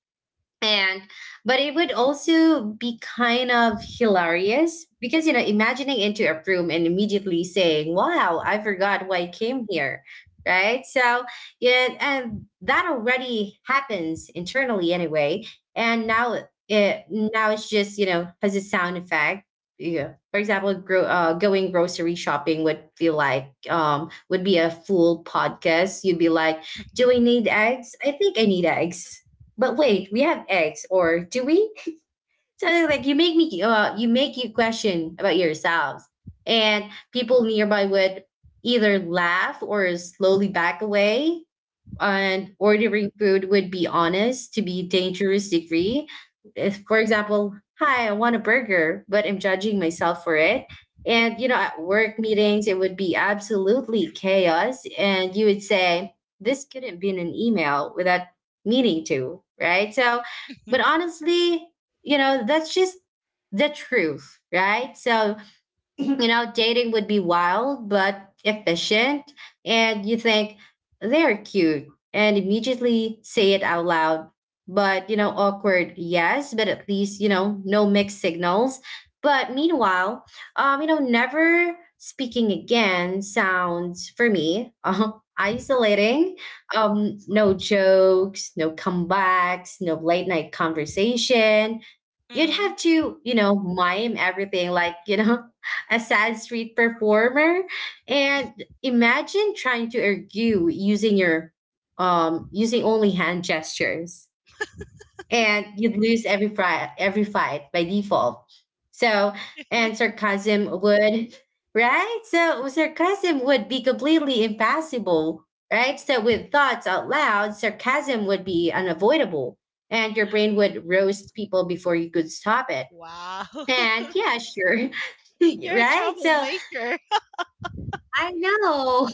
S1: and but it would also be kind of hilarious, because you know, imagining into a room and immediately saying, wow, I forgot why I came here, right? So yeah, and that already happens internally anyway. And now it now it's just, you know, has a sound effect. Yeah, for example, going grocery shopping would feel like would be a full podcast. You'd be like, do I need eggs? I think I need eggs. But wait, we have eggs, or do we? So like, you make me you make you question about yourselves, and people nearby would either laugh or slowly back away. And ordering food would be honest to be dangerous degree. If, for example, hi, I want a burger, but I'm judging myself for it. And you know, at work meetings, it would be absolutely chaos. And you would say, this couldn't be in an email without meaning to, right? So, but honestly, you know, that's just the truth, right? So you know, dating would be wild but efficient. And you think they're cute and immediately say it out loud. But, you know, awkward, yes, but at least, you know, no mixed signals. But meanwhile, you know, never speaking again sounds for me isolating. No jokes, no comebacks, no late night conversation. You'd
S2: Mm.
S1: have to, you know, mime everything, like, you know, a sad street performer. And imagine trying to argue using your using only hand gestures. And you'd lose every every fight by default. So and sarcasm would, right? So sarcasm would be completely impassable, right? So with thoughts out loud, sarcasm would be unavoidable. And your brain would roast people before you could stop it.
S2: Wow.
S1: And yeah, sure.
S2: You're a
S1: Right? So
S2: troublemaker.
S1: I know.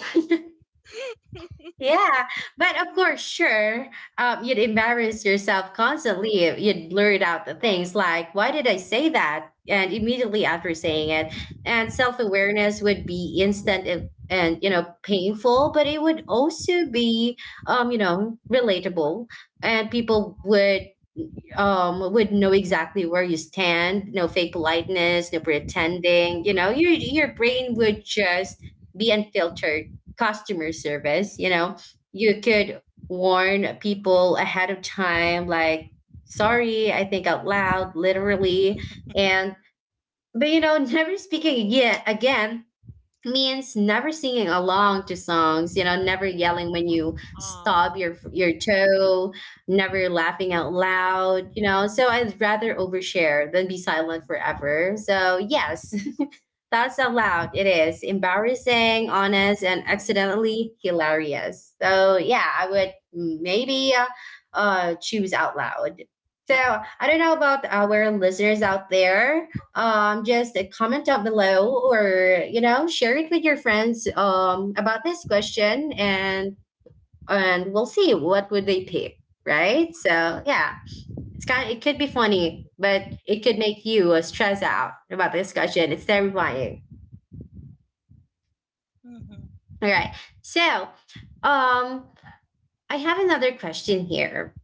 S1: Yeah. But of course, sure, you'd embarrass yourself constantly. If You'd blurt out the things like, why did I say that? And immediately after saying it. And self awareness would be instant and, you know, painful, but it would also be, you know, relatable. And people would know exactly where you stand. No fake politeness, no pretending. You know, your brain would just be unfiltered customer service, you know. You could warn people ahead of time like, sorry, I think out loud literally. And but you know, never speaking again means never singing along to songs, you know, never yelling when you
S2: Oh.
S1: stub your toe, never laughing out loud, you know. So I'd rather overshare than be silent forever. So yes. That's out loud. It is embarrassing, honest, and accidentally hilarious. So yeah, I would maybe choose out loud. So I don't know about our listeners out there. Just comment down below, or you know, share it with your friends, about this question, and we'll see what would they pick. Right. So yeah, it's kind. It could be funny, but it could make you stress out about this question. It's terrifying.
S2: Hmm.
S1: All right. So, um, I have another question here.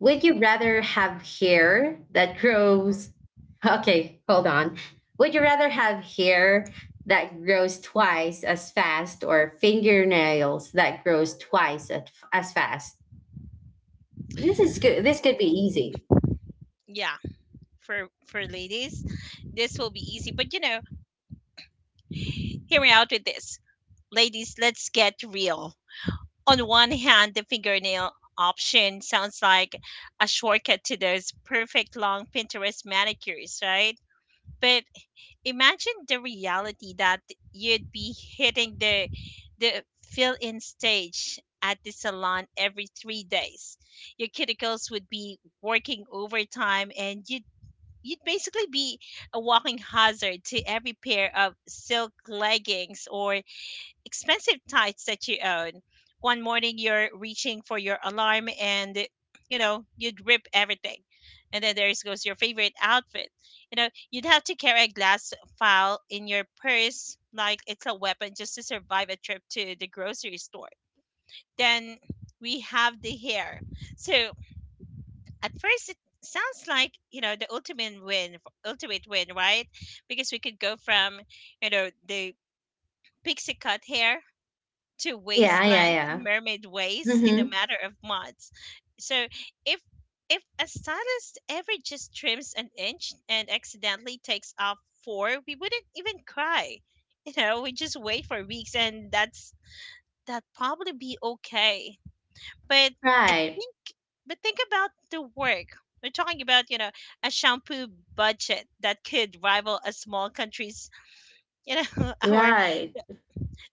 S1: Would you rather have hair that grows? Okay, hold on. Would you rather have hair that grows twice as fast or fingernails that grows as fast? This is good. This could be easy.
S2: Yeah. For ladies. This will be easy, but you know, hear me out with this, ladies. Let's get real. On one hand, the fingernail option sounds like a shortcut to those perfect long Pinterest manicures, right? But imagine the reality that you'd be hitting the fill-in stage at the salon every 3 days. Your cuticles would be working overtime, and you'd basically be a walking hazard to every pair of silk leggings or expensive tights that you own. One morning you're reaching for your alarm and you know, you'd rip everything. And then there goes your favorite outfit. You know, you'd have to carry a glass file in your purse like it's a weapon just to survive a trip to the grocery store. Then we have the hair. So at first it sounds like you know the ultimate win, ultimate win, right? Because we could go from you know the pixie cut hair to
S1: Yeah, yeah,
S2: wasteland
S1: yeah.
S2: mermaid waist in a
S1: Mm-hmm.
S2: matter of months. So if if a stylist ever just trims an inch and accidentally takes off four, we wouldn't even cry, you know, we just wait for weeks and that's, that probably be okay. But I
S1: Right,
S2: think, but think about the work. We're talking about, you know, a shampoo budget that could rival a small country's, you know, our
S1: right.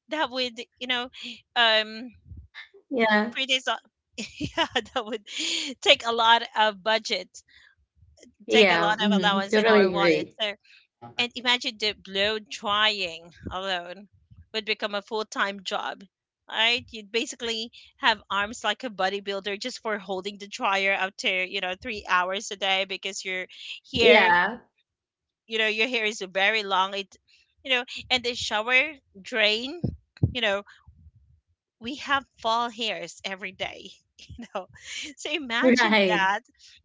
S2: that would, you know, um,
S1: Yeah,
S2: pretty yeah, that would take a lot of budget, take a
S1: yeah.
S2: lot of
S1: Mm-hmm.
S2: allowance in
S1: Totally
S2: our wallet.
S1: agree.
S2: And imagine the blow drying alone would become a full time job, right? You'd basically have arms like a bodybuilder just for holding the dryer up to, 3 hours a day because hair,
S1: Yeah,
S2: your hair is very long. And the shower drain, you know, we have fall hairs every day. you know so imagine
S1: right.
S2: that.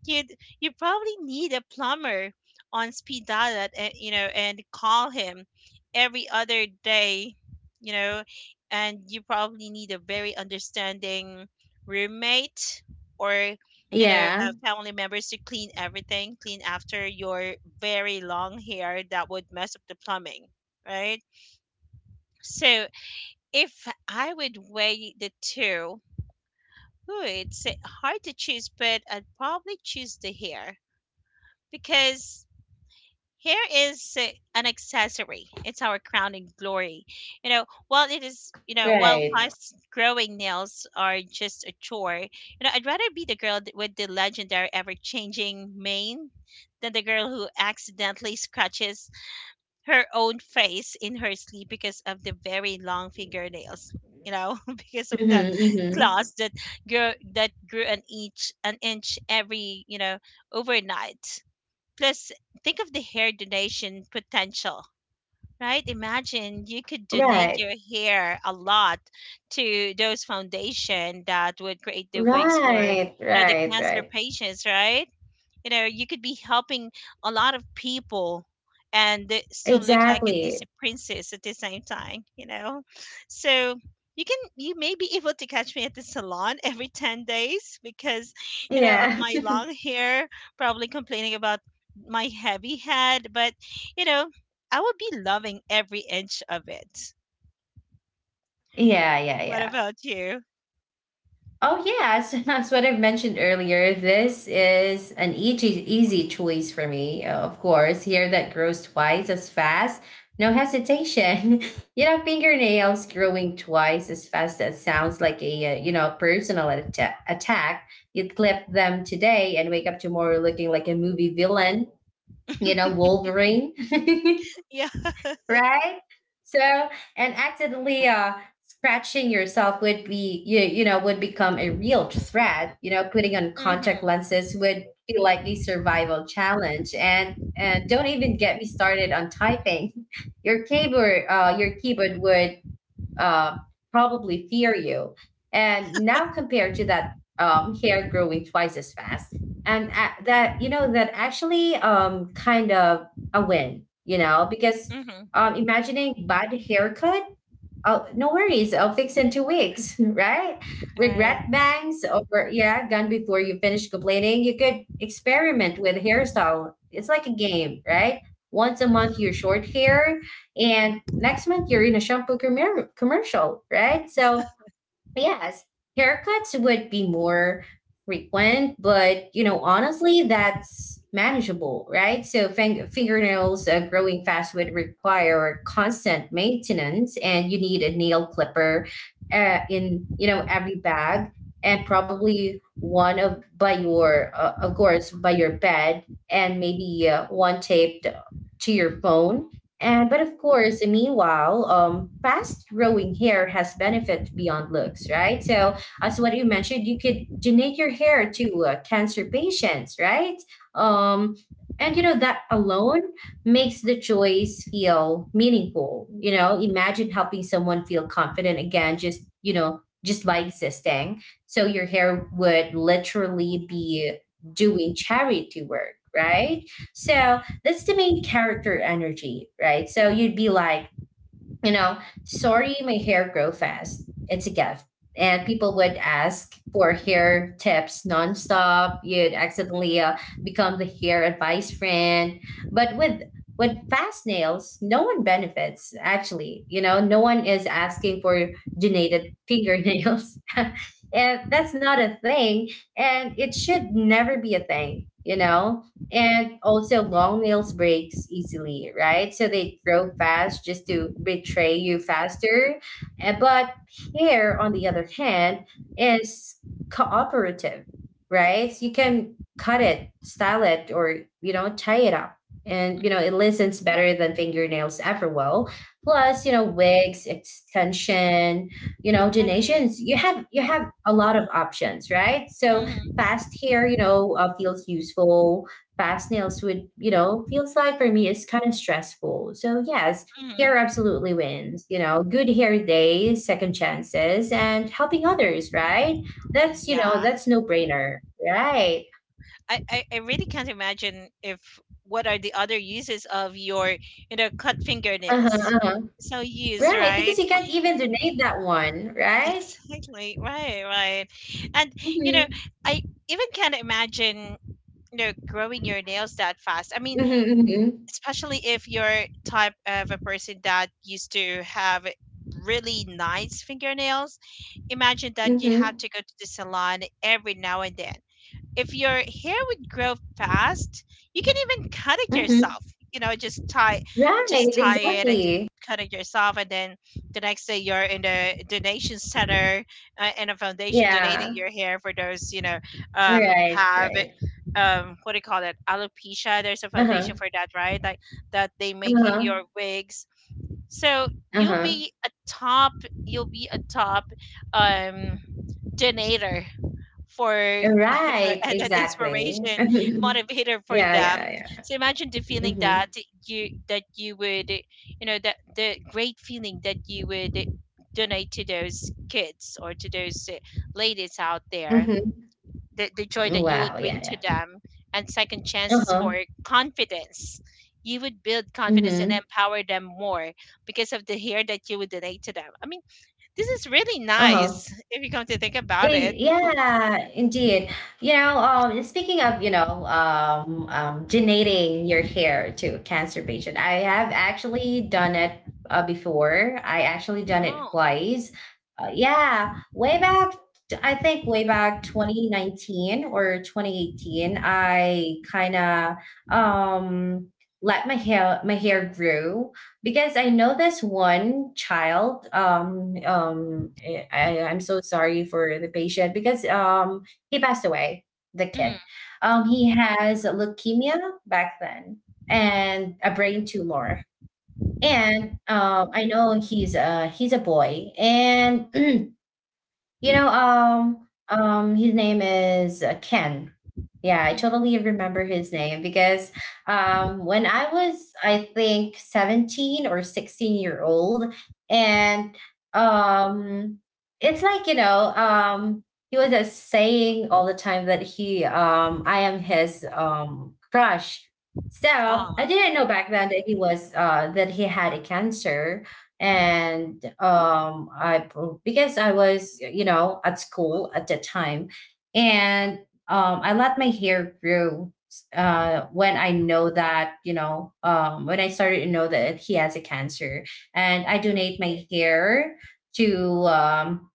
S2: you'd you probably need a plumber on speed dial at, eh, you know and call him every other day you know and you probably need a very understanding roommate or
S1: Yeah,
S2: family members to clean everything clean after your very long hair that would mess up the plumbing, right? So if I would weigh the two, ooh, it's hard to choose, but I'd probably choose the hair because hair is an accessory. It's our crowning glory. While it is, you know, while
S1: right.
S2: fast growing nails are just a chore, I'd rather be the girl with the legendary ever changing mane than the girl who accidentally scratches her own face in her sleep because of the very long fingernails. Because of
S1: Mhm,
S2: that,
S1: mhm.
S2: claws that grew an inch every overnight. Plus, think of the hair donation potential, right? Imagine you could donate your
S1: Right.
S2: hair a lot to those foundation that would create the wigs for
S1: Right,
S2: the
S1: right,
S2: cancer
S1: right.
S2: patients, right? You could be helping a lot of people, and they still look like a Disney
S1: Exactly.
S2: princess at the same time. So you may be able to catch me at the salon every 10 days because of
S1: Yeah.
S2: my long hair, probably complaining about my heavy head, but you know I would be loving every inch of it.
S1: Yeah, yeah,
S2: What
S1: yeah.
S2: about you?
S1: Oh, yeah. So that's what I've mentioned earlier. This is an easy, easy choice for me, of course. Hair that grows twice as fast, no hesitation. You know, fingernails growing twice as fast. That sounds like a you know, personal attack. You clip them today and wake up tomorrow looking like a movie villain, you know, Wolverine.
S2: Yeah.
S1: Right? So, and accidentally scratching yourself would be, you know, would become a real threat. You know, putting on contact
S2: Mm-hmm,
S1: lenses would feel like a survival challenge. And don't even get me started on typing. Your keyboard, your keyboard would uh, probably fear you. And now compared to that, hair growing twice as fast, and that, you know, that actually, kind of a win, you know, because
S2: mm-hmm.
S1: imagining bad haircut, I'll, no worries, I'll fix in 2 weeks, right? Regret
S2: Right,
S1: bangs over, yeah, done before you finish complaining. You could experiment with hairstyle. It's like a game, right? Once a month, you're short hair, and next month, you're in a shampoo commercial, right? So yes, haircuts would be more frequent, but you know, honestly, that's manageable, right? So fingernails growing fast would require constant maintenance, and you need a nail clipper in, you know, every bag, and probably one of by your of course by your bed, and maybe one taped to your phone. And but of course, meanwhile, fast growing hair has benefits beyond looks, right? So as what you mentioned, you could donate your hair to cancer patients, right? Um, and you know that alone makes the choice feel meaningful. You know, imagine helping someone feel confident again, just you know, just by existing. So your hair would literally be doing charity work, right? So that's the main character energy, right? So you'd be like, you know, sorry, my hair grow fast. It's a gift. And people would ask for hair tips nonstop. You'd accidentally become the hair advice friend. But with fast nails, no one benefits. Actually, you know, no one is asking for donated fingernails. And that's not a thing, and it should never be a thing, you know. And also, long nails breaks easily, right? So they grow fast just to betray you faster. But hair, on the other hand, is cooperative, right? You can cut it, style it, or, you know, tie it up. And, you know, it listens better than fingernails ever will. Plus, you know, wigs, extension, you know,
S2: right.
S1: donations. You have a lot of options, right? So
S2: Mm-hmm,
S1: fast hair, feels useful. Fast nails would, feels like for me is kind of stressful. So yes,
S2: mm-hmm.
S1: hair absolutely wins. You know, good hair day, second chances, and helping others, right? That's you know,
S2: Yeah.
S1: that's no brainer, right?
S2: I really can't imagine if, what are the other uses of your cut
S1: Uh-huh,
S2: fingernails,
S1: uh-huh.
S2: so use,
S1: Right, because
S2: right?
S1: you can't even donate that one, right?
S2: Exactly, right, right. And you know
S1: Mm-hmm.
S2: I even can't imagine growing your nails that fast, I mean,
S1: Mm-hmm.
S2: especially if you're type of a person that used to have really nice fingernails. Imagine that you have
S1: Mm-hmm.
S2: to go to the salon every now and then. If your hair would grow fast, you can even cut it
S1: Mm-hmm. Mm-hmm.
S2: yourself. You know, just tie
S1: Right,
S2: just tie it and then
S1: exactly.
S2: cut it yourself, and then the next day you're in the donation center, in a foundation donating
S1: Yeah.
S2: your hair for those,
S1: Right,
S2: have it,
S1: right.
S2: what do you call it, alopecia, there's a foundation
S1: Uh-huh.
S2: for that, right? Like, that they make
S1: Uh-huh.
S2: your wigs. So
S1: Uh-huh.
S2: you'll be a top um donator for
S1: Right,
S2: and an
S1: exactly.
S2: inspiration motivator for
S1: Yeah,
S2: them.
S1: yeah, yeah.
S2: So imagine the feeling that
S1: Mhm,
S2: you would that, the great feeling that you would donate to those kids or to those ladies out there,
S1: mhm.
S2: the joy that you would
S1: Wow, yeah,
S2: bring to
S1: yeah.
S2: them, and second chances
S1: Uh-huh,
S2: for confidence. You would build confidence and
S1: mhm,
S2: empower them more because of the hair that you would donate to them. I mean, this is really
S1: uh-huh.
S2: nice if you come to think about it.
S1: Yeah, indeed. You know, speaking of, donating your hair to a cancer patient, I have actually done it before. I actually done it
S2: Oh.
S1: twice. Yeah, way back, I think way back 2019 or 2018, I kind of um, let my hair grow because I know this one child. I'm so sorry for the patient because he passed away. The
S2: Mm.
S1: kid, he has leukemia back then and a brain tumor. And I know he's a boy, and You know, his name is Ken. Yeah, I totally remember his name because when I was, I think, 17 or 16-year-old, and um, it's like, he was saying all the time that I am his crush. So I
S2: Ah.
S1: didn't know back then that he was, that he had a cancer.
S2: Mhm,
S1: And I because I was, you know, at school at that time. And I let my hair grow when I know that, you know, when I started to know that he has a cancer. And I donate my hair to um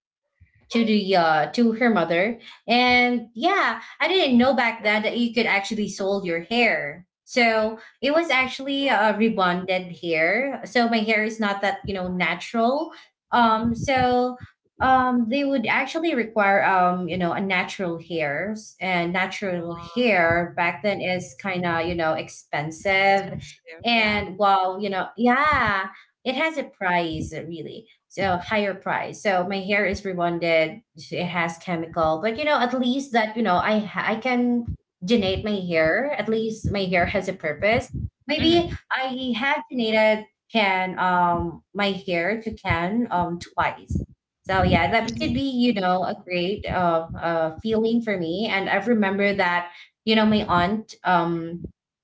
S1: to the to her mother. And yeah, I didn't know back then that you could actually sold your hair, so it was actually a rebonded hair, so my hair is not that, you know, natural. um
S2: mhm.
S1: so um they would actually require, you know, a natural hairs, and natural
S2: Wow,
S1: hair back then is kind of, you know, expensive.
S2: expensive. Yeah.
S1: And while, you know, yeah, it has a price really, so higher price, so my hair is rebonded. It has chemical, but you know, at least that, you know, I can donate my hair. At least my hair has a purpose. Maybe
S2: Mhm.
S1: I have donated can my hair to can twice. So yeah, that could
S2: Really?
S1: be, you know, a great feeling for me. And I remember that, you know, my aunt um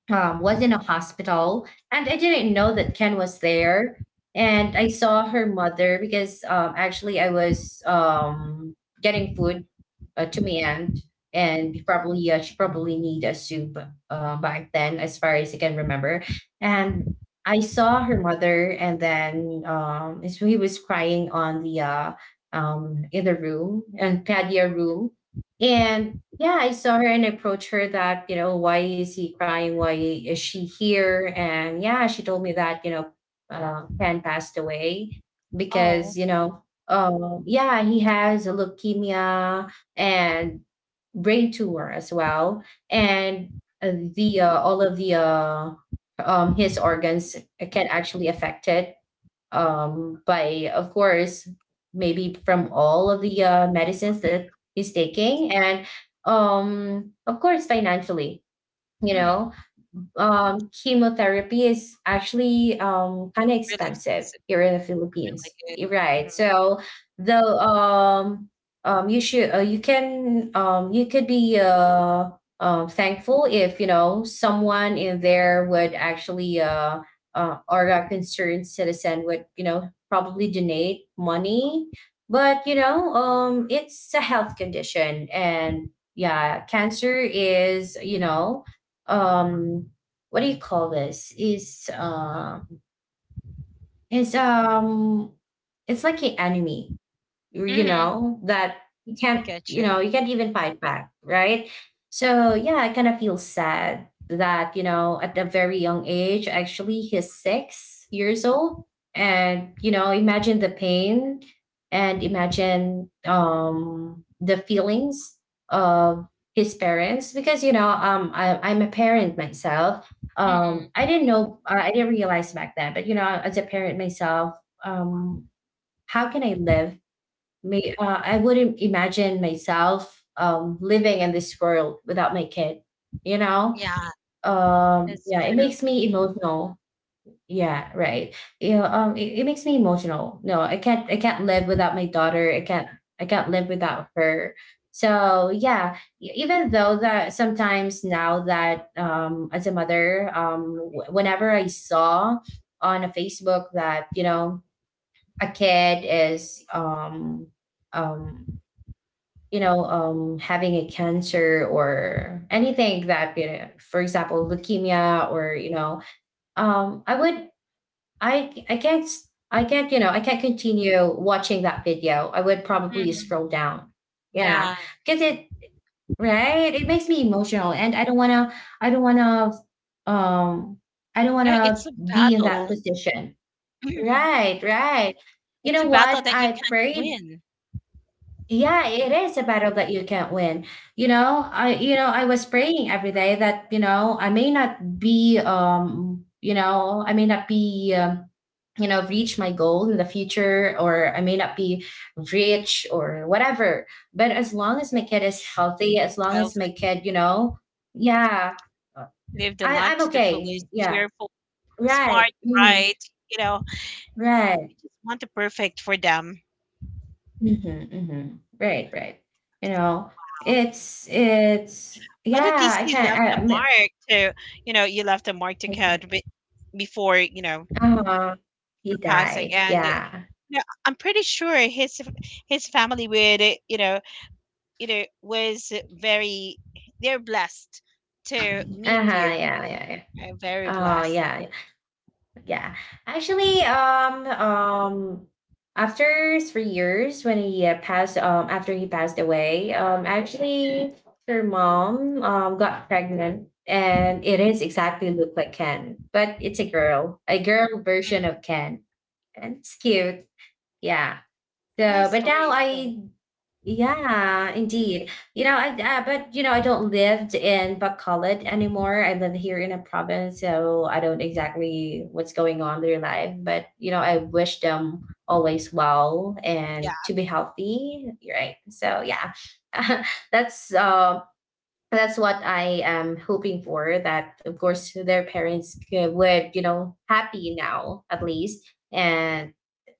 S1: um, was in a hospital, and I didn't know that Ken was there. And I saw her mother because actually I was getting food to my aunt, and probably she probably need a soup back then, as far as I can remember. And I saw her mother, and then he was crying on the in the room, in patio room, and yeah, I saw her and approached her that, you know, why is he crying? Why is she here? And yeah, she told me that, you know, Ken passed away because,
S2: Oh.
S1: you know, yeah, he has a leukemia and brain tumor as well. And the, all of the, his organs can actually affect it, by, of course, maybe from all of the medicines that he's taking, and of course, financially. You know,
S2: Mhm.
S1: chemotherapy is actually kind of
S2: Really
S1: expensive
S2: expensive.
S1: here in the
S2: Really
S1: Philippines, you're
S2: good.
S1: right?
S2: Mhm.
S1: So the you should, you can, you could be thankful if you know someone in there would actually, or a concerned citizen would, you know, probably donate money, but you know, it's a health condition, and yeah, cancer is, you know, um what do you call this? Is it's It's like an anime, you
S2: Mhm.
S1: know, that you
S2: I
S1: can't,
S2: get
S1: you
S2: you.
S1: know, you can't even fight back, right? So yeah, I kind of feel sad that, you know, at a very young age, actually he's 6 years old. And, you know, imagine the pain and imagine the feelings of his parents, because you know, I'm a parent myself. I
S2: Mhm.
S1: didn't know, I didn't realize back then, but you know, as a parent myself, um how can I live? I wouldn't imagine myself living in this world without my kid. You know,
S2: Yeah, that's
S1: yeah, it
S2: true.
S1: makes me emotional. Yeah, right. You know, it makes me emotional. No, I can't. I can't live without my daughter. I can't. I can't live without her. So yeah, even though that sometimes now that, as a mother, whenever I saw on a Facebook that, you know, a kid is um you know, having a cancer or anything that, you know, for example, leukemia or, you know, I would, I can't, I can't, you know, I can't continue watching that video. I would probably
S2: Mhm.
S1: scroll down. Yeah.
S2: Yeah.
S1: Cause it, right. It makes me emotional and I don't want to, I don't want to, I don't want to
S2: It's a
S1: be in that
S2: battle.
S1: position.
S2: Mhm.
S1: Right. Right. You
S2: It's a
S1: know
S2: battle
S1: what?
S2: that you
S1: I
S2: can't
S1: prayed.
S2: win.
S1: Yeah, it is a battle that you can't win. You know, I was praying every day that, you know, I may not be, I may not be, reach my goal in the future, or I may not be rich or whatever. But as long as my kid is healthy, as long
S2: I
S1: as
S2: was
S1: my
S2: like,
S1: kid, you know, yeah,
S2: live the
S1: I
S2: life
S1: I'm
S2: to the fullest,
S1: okay. Yeah.
S2: cheerful, smart,
S1: Right. Hmm.
S2: bright, you know,
S1: Right.
S2: just want the perfect for them.
S1: Mhm, mhm. Right, right. You know, it's
S2: But at
S1: yeah,
S2: least
S1: I can't. I
S2: you left a mark to
S1: I
S2: code before, her
S1: Uh-huh. He
S2: passing.
S1: died.
S2: And
S1: Yeah.
S2: I'm pretty sure his family would, was very, they're blessed
S1: Uh-huh,
S2: to meet
S1: yeah,
S2: you.
S1: yeah, yeah.
S2: Very
S1: Oh,
S2: blessed.
S1: yeah. Yeah. Actually, after 3 years when he, passed after he passed away, actually her mom got pregnant, and it is exactly look like Ken, but it's a girl version
S2: Mm.
S1: of Ken, and it's cute. Yeah. So,
S2: Nice
S1: but now
S2: story
S1: I,
S2: still.
S1: yeah, indeed. You know, but you know, I don't live in Bacolod anymore. I live here in a province, so I don't exactly what's going on in their life. But you know, I wish them always well and
S2: Yeah.
S1: to be healthy, right? So yeah, that's uh, that's what I am hoping for. That of course their parents would, you know, happy now at least, and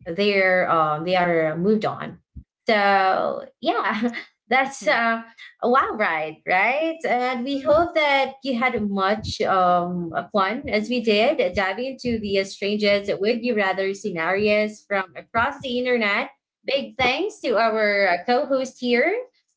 S1: they are moved on. So yeah, that's a wild ride, right? And we
S2: Mhm.
S1: hope that you had much fun as we did diving into the strangest would you rather scenarios from across the internet. Big thanks to our co-host here,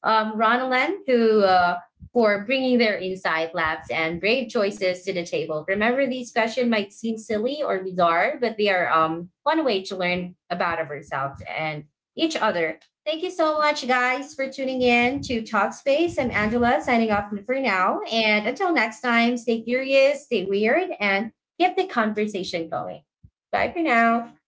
S1: Ronalyn, who for bringing their insight, laughs, and brave choices to the table. Remember, these questions might seem silly or bizarre, but they are, one way to learn about ourselves and each other. Thank you so much, guys, for tuning in to Talkspace. I'm Angela, signing off for now. And until next time, stay curious, stay weird, and keep the conversation going. Bye for now.